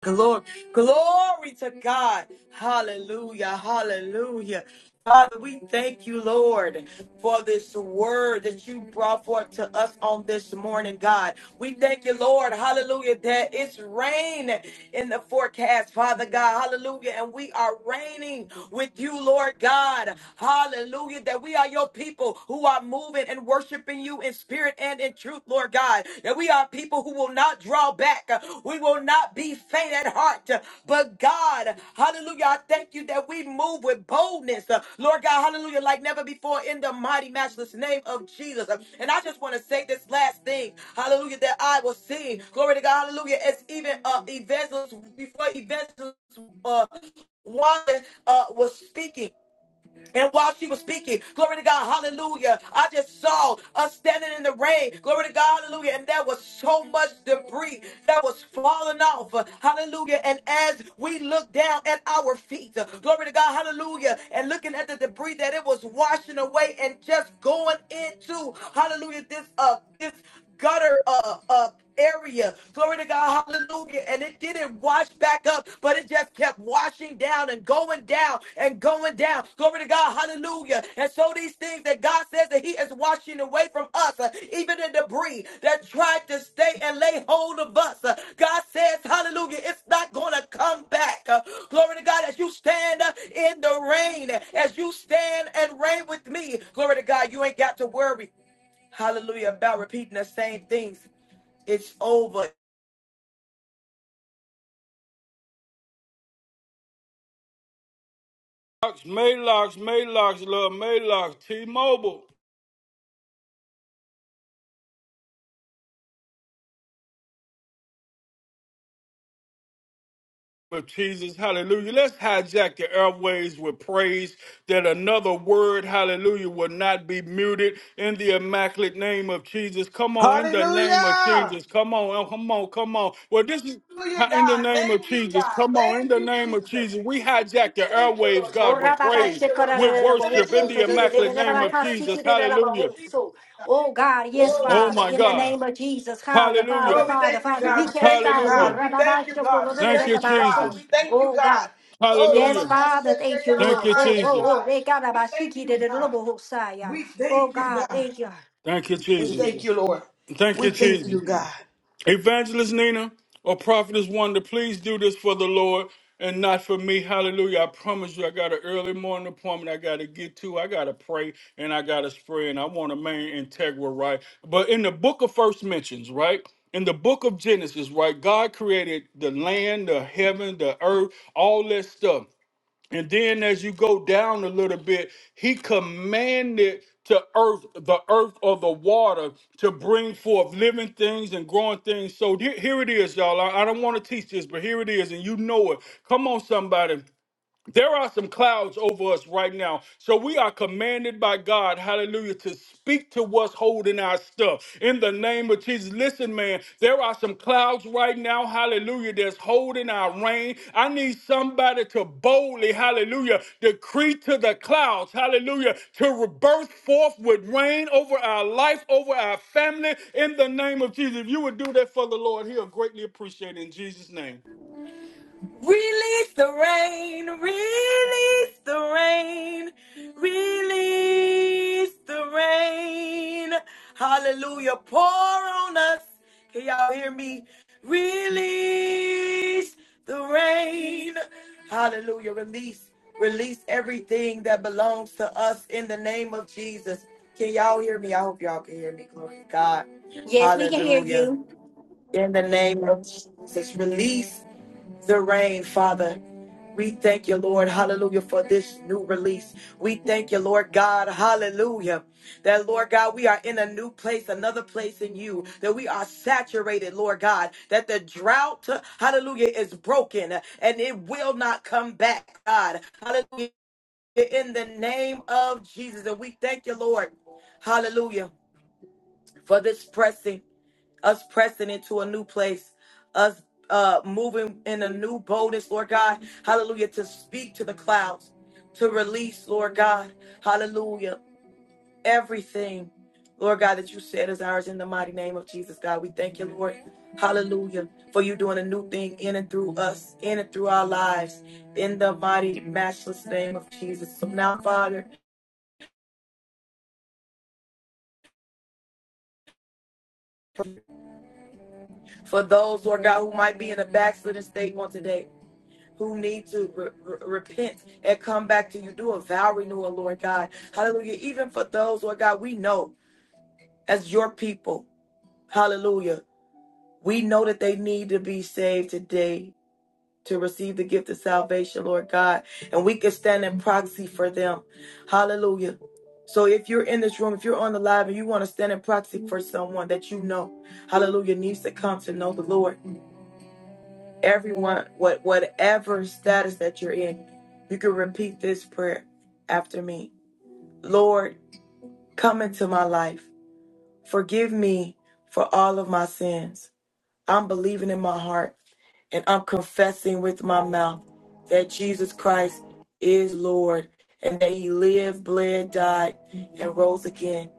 A: Glory, glory to God. Hallelujah. Hallelujah. Father, we thank you, Lord, for this word that you brought forth to us on this morning, God. We thank you, Lord, hallelujah, that it's rain in the forecast, Father God, hallelujah, and we are reigning with you, Lord God, hallelujah, that we are your people who are moving and worshiping you in spirit spirit and in truth, Lord God. That we are people who will not draw back. We will not be faint at heart. But God, hallelujah, I thank you that we move with boldness. Lord God, hallelujah, like never before in the mighty, matchless name of Jesus. And I just want to say this last thing, hallelujah, that I will see. Glory to God, hallelujah, as even uh, evangelist, before evangelist uh, Wanda uh, was speaking. And while she was speaking, glory to God, hallelujah, I just saw us standing in the rain, glory to God, hallelujah, and there was so much debris that was falling off, hallelujah. And as we looked down at our feet, glory to God, hallelujah, and looking at the debris that it was washing away and just going into, hallelujah, this, uh, this gutter, uh, uh, area. Glory to God, hallelujah. And it didn't wash back up, but it just kept washing down and going down and going down. Glory to God, hallelujah. And so these things that God says that He is washing away from us, uh, even the debris that tried to stay and lay hold of us, uh, God says, hallelujah, it's not going to come back. Uh, glory to God, as you stand uh, in the rain, as you stand and reign with me, glory to God, you ain't got to worry. Hallelujah, about repeating the same things it's over.
E: Maylocks, Maylocks, Maylocks, love Maylocks, T-Mobile. But Jesus, hallelujah. Let's hijack the airways with praise that another word, hallelujah, will not be muted in the immaculate name of Jesus. Come on, in the name of
B: Hallelujah!
E: Jesus. Come on, oh, come on, come on. Well, this is
B: Hallelujah,
E: in the
B: God.
E: name of
B: Thank you,
E: Jesus.
B: God.
E: Come on, in
B: Thank
E: the
B: you,
E: name of
B: Jesus.
E: Jesus. We hijack the
B: Thank you,
E: airwaves,
B: Lord God.
D: Oh,
E: God, with
D: rababa,
B: Thank
E: praise,
B: you, Lord
D: shikara, da,
E: with
B: God.
D: da,
B: In
D: da,
B: the name
D: bo,
E: worship in the
B: of
E: immaculate
B: Jesus,
E: name
B: God.
E: of
D: si,
E: Jesus. Hallelujah.
D: so. Oh, God, yes,
E: Oh,
D: Father.
E: my
D: In the
E: God.
D: name of Jesus, Father,
E: Hallelujah.
D: Father,
B: Oh, we
D: Father,
B: thank you,
D: Father,
B: God. Oh,
D: we
B: We
D: can't
B: thank you,
D: stop. Oh,
E: Hallelujah.
B: God. We
D: rababa,
B: thank you,
D: shoko,
B: God.
D: do,
B: We
E: Thank you,
B: thank you, God.
D: so.
B: We
E: Jesus.
B: thank you,
D: Oh,
B: God.
D: God.
B: Oh,
D: Yes,
E: Hallelujah.
D: Father,
B: Rabakaseke,
D: thank you,
E: Thank
D: Lord.
E: you,
D: Oh,
B: Yarabahaya,
D: oh,
E: Jesus.
D: oh,
B: God.
D: they got about
B: Thank you, God. We
D: Oh,
B: thank you,
D: God,
B: God.
D: thank you.
E: Thank you, Jesus. Thank you, Jesus. Evangelist Nina or Prophetess Wonder, please do this for the Lord and not for me. Hallelujah. I promise you, I got an early morning appointment I got to get to. I got to pray and I got to spray and I want to remain integral, right? But in the book of first mentions, right? In the book of Genesis, right? God created the land, the heaven, the earth, all that stuff. And then as you go down a little bit, he commanded to earth, the earth or the water to bring forth living things and growing things. So here here it is, y'all. I, I don't want to teach this, but here it is, and you know it. Come on, somebody. There are some clouds over us right now. So we are commanded by God, hallelujah, to speak to what's holding our stuff. In the name of Jesus. Listen, man, there are some clouds right now, hallelujah, that's holding our rain. I need somebody to boldly, hallelujah, decree to the clouds, hallelujah, to burst forth with rain over our life, over our family. In the name of Jesus. If you would do that for the Lord, he'll greatly appreciate it in Jesus' name.
A: Release the rain. Release the rain. Release the rain. Hallelujah. Pour on us. Can y'all hear me? Release the rain. Hallelujah. Release. Release everything that belongs to us in the name of Jesus. Can y'all hear me? I hope y'all can hear me. Glory to God.
D: Yes, we can hear
A: Hallelujah.
D: you.
A: In the name of Jesus, release the rain, Father. We thank you, Lord, hallelujah, for this new release. We thank you, Lord God, hallelujah, that Lord God, we are in a new place, another place in you, that we are saturated, Lord God, that the drought, hallelujah, is broken and it will not come back, God, hallelujah, in the name of Jesus. And we thank you, Lord, hallelujah, for this pressing us pressing into a new place, us uh, moving in a new boldness, Lord God. Hallelujah. To speak to the clouds, to release, Lord God. Hallelujah. Everything, Lord God, that you said is ours in the mighty name of Jesus, God. We thank you, Lord. Hallelujah. For you doing a new thing in and through us, in and through our lives, in the mighty, matchless name of Jesus. So now, Father, for those, Lord God, who might be in a backslidden state on today, who need to re- re- repent and come back to you. Do a vow renewal, Lord God. Hallelujah. Even for those, Lord God, we know as your people, hallelujah, we know that they need to be saved today to receive the gift of salvation, Lord God. And we can stand in proxy for them. Hallelujah. So if you're in this room, if you're on the live and you want to stand in proxy for someone that you know, hallelujah, needs to come to know the Lord. everyone what whatever status that you're in you can repeat this prayer after me lord come into my life forgive me for all of my sins i'm believing in my heart and i'm confessing with my mouth that jesus christ is lord and that he lived bled died and rose again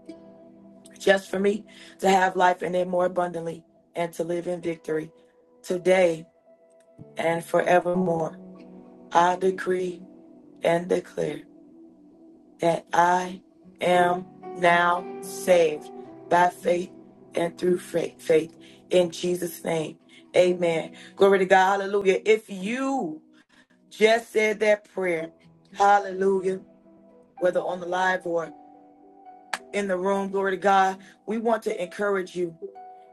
A: just for me to have life in it more abundantly and to live in victory today and forevermore i decree and declare that I am now saved by faith and through faith, faith in Jesus' name. Amen. Glory to God. Hallelujah. If you just said that prayer, hallelujah, whether on the live or in the room. Glory to God. We want to encourage you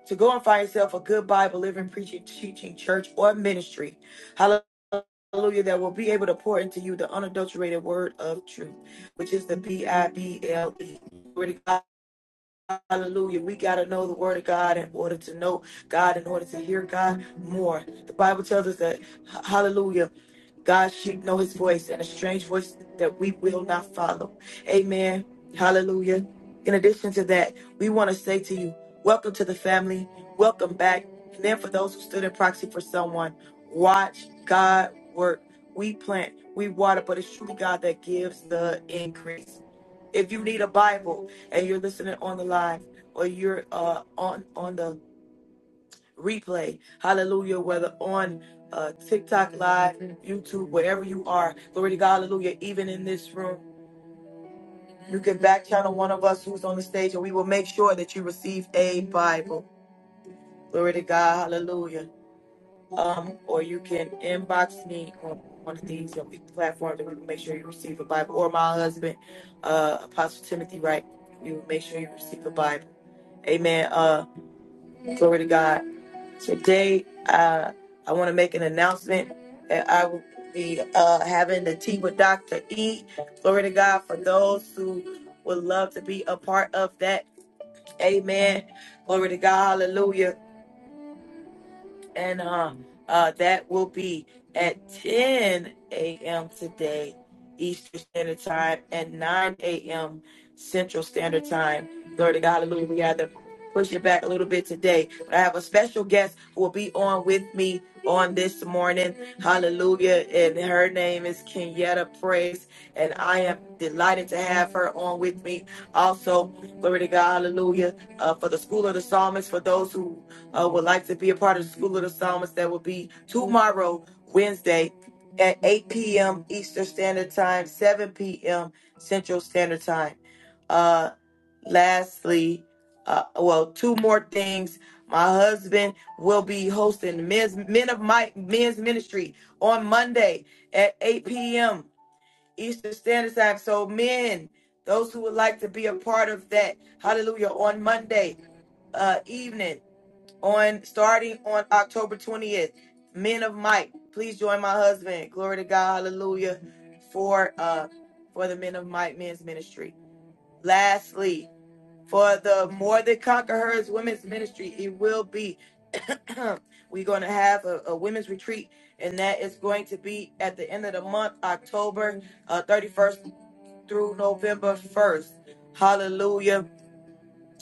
A: to go and find yourself a good Bible living, preaching, teaching church or ministry. Hallelujah. Hallelujah, That will be able to pour into you the unadulterated word of truth, which is the B I B L E. Hallelujah. We got to know the word of God in order to know God, in order to hear God more. The Bible tells us that, hallelujah, God's sheep know his voice and a strange voice that we will not follow. Amen. Hallelujah. In addition to that, we want to say to you, welcome to the family, welcome back. And then for those who stood in proxy for someone, watch God work. We plant, we water, but it's truly God that gives the increase. If you need a Bible, and you're listening on the live or you're uh, on on the replay, hallelujah, whether on uh, TikTok live, YouTube, wherever you are, glory to God, hallelujah, even in this room, you can back channel one of us who's on the stage and we will make sure that you receive a Bible, glory to God, hallelujah. Um, or you can inbox me on one of these uh, platforms and we will make sure you receive a Bible, or my husband, uh, Apostle Timothy Wright, you will make sure you receive a Bible. Amen. uh, Glory to God. Today, uh, I want to make an announcement that I will be uh, having the tea with Dr. E. Glory to God for those who would love to be a part of that. Amen. Glory to God. Hallelujah and um, uh, that will be at 10 a.m. today, Eastern Standard Time, and 9 a.m. Central Standard Time. Glory to God, hallelujah. We had to push it back a little bit today, but I have a special guest who will be on with me on this morning. Hallelujah. And her name is Kenyetta Praise, and I am delighted to have her on with me. Also, glory to God, hallelujah, uh, for the School of the Psalmist, for those who uh, would like to be a part of the School of the Psalmist, that will be tomorrow, Wednesday, at 8 p.m. Eastern Standard Time, 7 p.m. Central Standard Time. Uh, lastly, uh, well, two more things. My husband will be hosting the men's men of Might men's ministry on Monday at 8 p.m. Eastern Standard Time. So, men, those who would like to be a part of that, hallelujah, on Monday uh, evening on starting on October 20th. Men of Might, please join my husband. Glory to God, hallelujah, for uh for the Men of Might men's ministry. Lastly, for the More Than Conquerors women's ministry, it will be we're gonna have a, a women's retreat, and that is going to be at the end of the month, October uh, 31st through November 1st. Hallelujah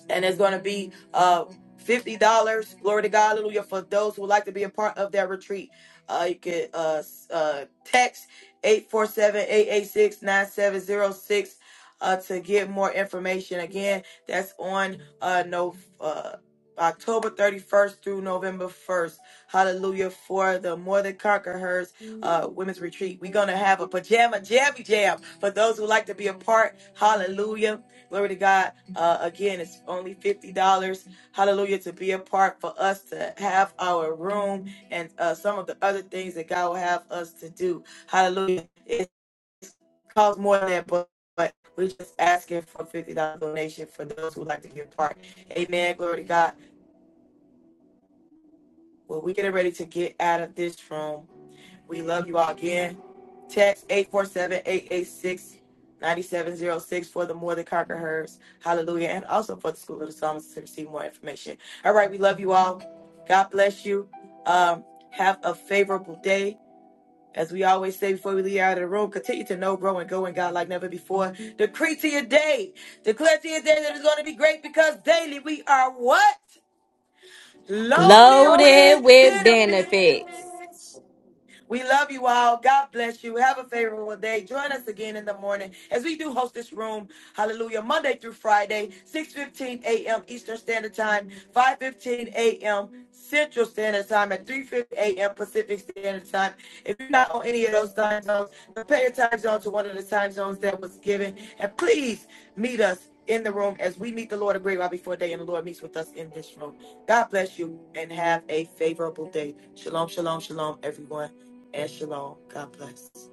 A: and it's going to be uh fifty dollars. Glory to God, hallelujah! For those who would like to be a part of that retreat, uh, you could uh, s- uh text eight four seven eight eight six nine seven zero six uh to get more information. Again, that's on uh no uh. October 31st through November 1st. Hallelujah for the More Than Conquerors uh, Women's Retreat. We're going to have a pajama jammy jam for those who like to be a part. Hallelujah Glory to God. Uh, again, it's only $50. Hallelujah. To be a part for us to have our room and uh, some of the other things that God will have us to do. Hallelujah. It costs more than that, but, but we're just asking for $50 donation for those who like to get part. Amen. Glory to God. Well, we're getting ready to get out of this room. We love you all again. Text eight four seven eight eight six ninety seven zero six for the More Than Conquer Hers. Hallelujah. And also for the School of the Psalms to receive more information. All right. We love you all. God bless you. Um, have a favorable day. As we always say before we leave out of the room, continue to know, grow, and go in God like never before. Decree to your day. Declare to your day that it's going to be great because daily we are what? Loaded
D: No,
F: Loaded
D: you
A: with
F: with
A: benefits.
F: benefits.
D: bitch.
A: We love you all. God bless you. Have a favorable day. Join us again in the morning as we do host this room. Hallelujah. Monday through Friday, 6.15 a.m. Eastern Standard Time, 5.15 a.m. Central Standard Time, and 3.15 a.m. Pacific Standard Time. If you're not on any of those time zones, compare your time zone to one of the time zones that was given. And please meet us in the room as we meet the Lord a great while before day and the Lord meets with us in this room. God bless you and have a favorable day. Shalom, shalom, shalom, everyone and shalom. God bless.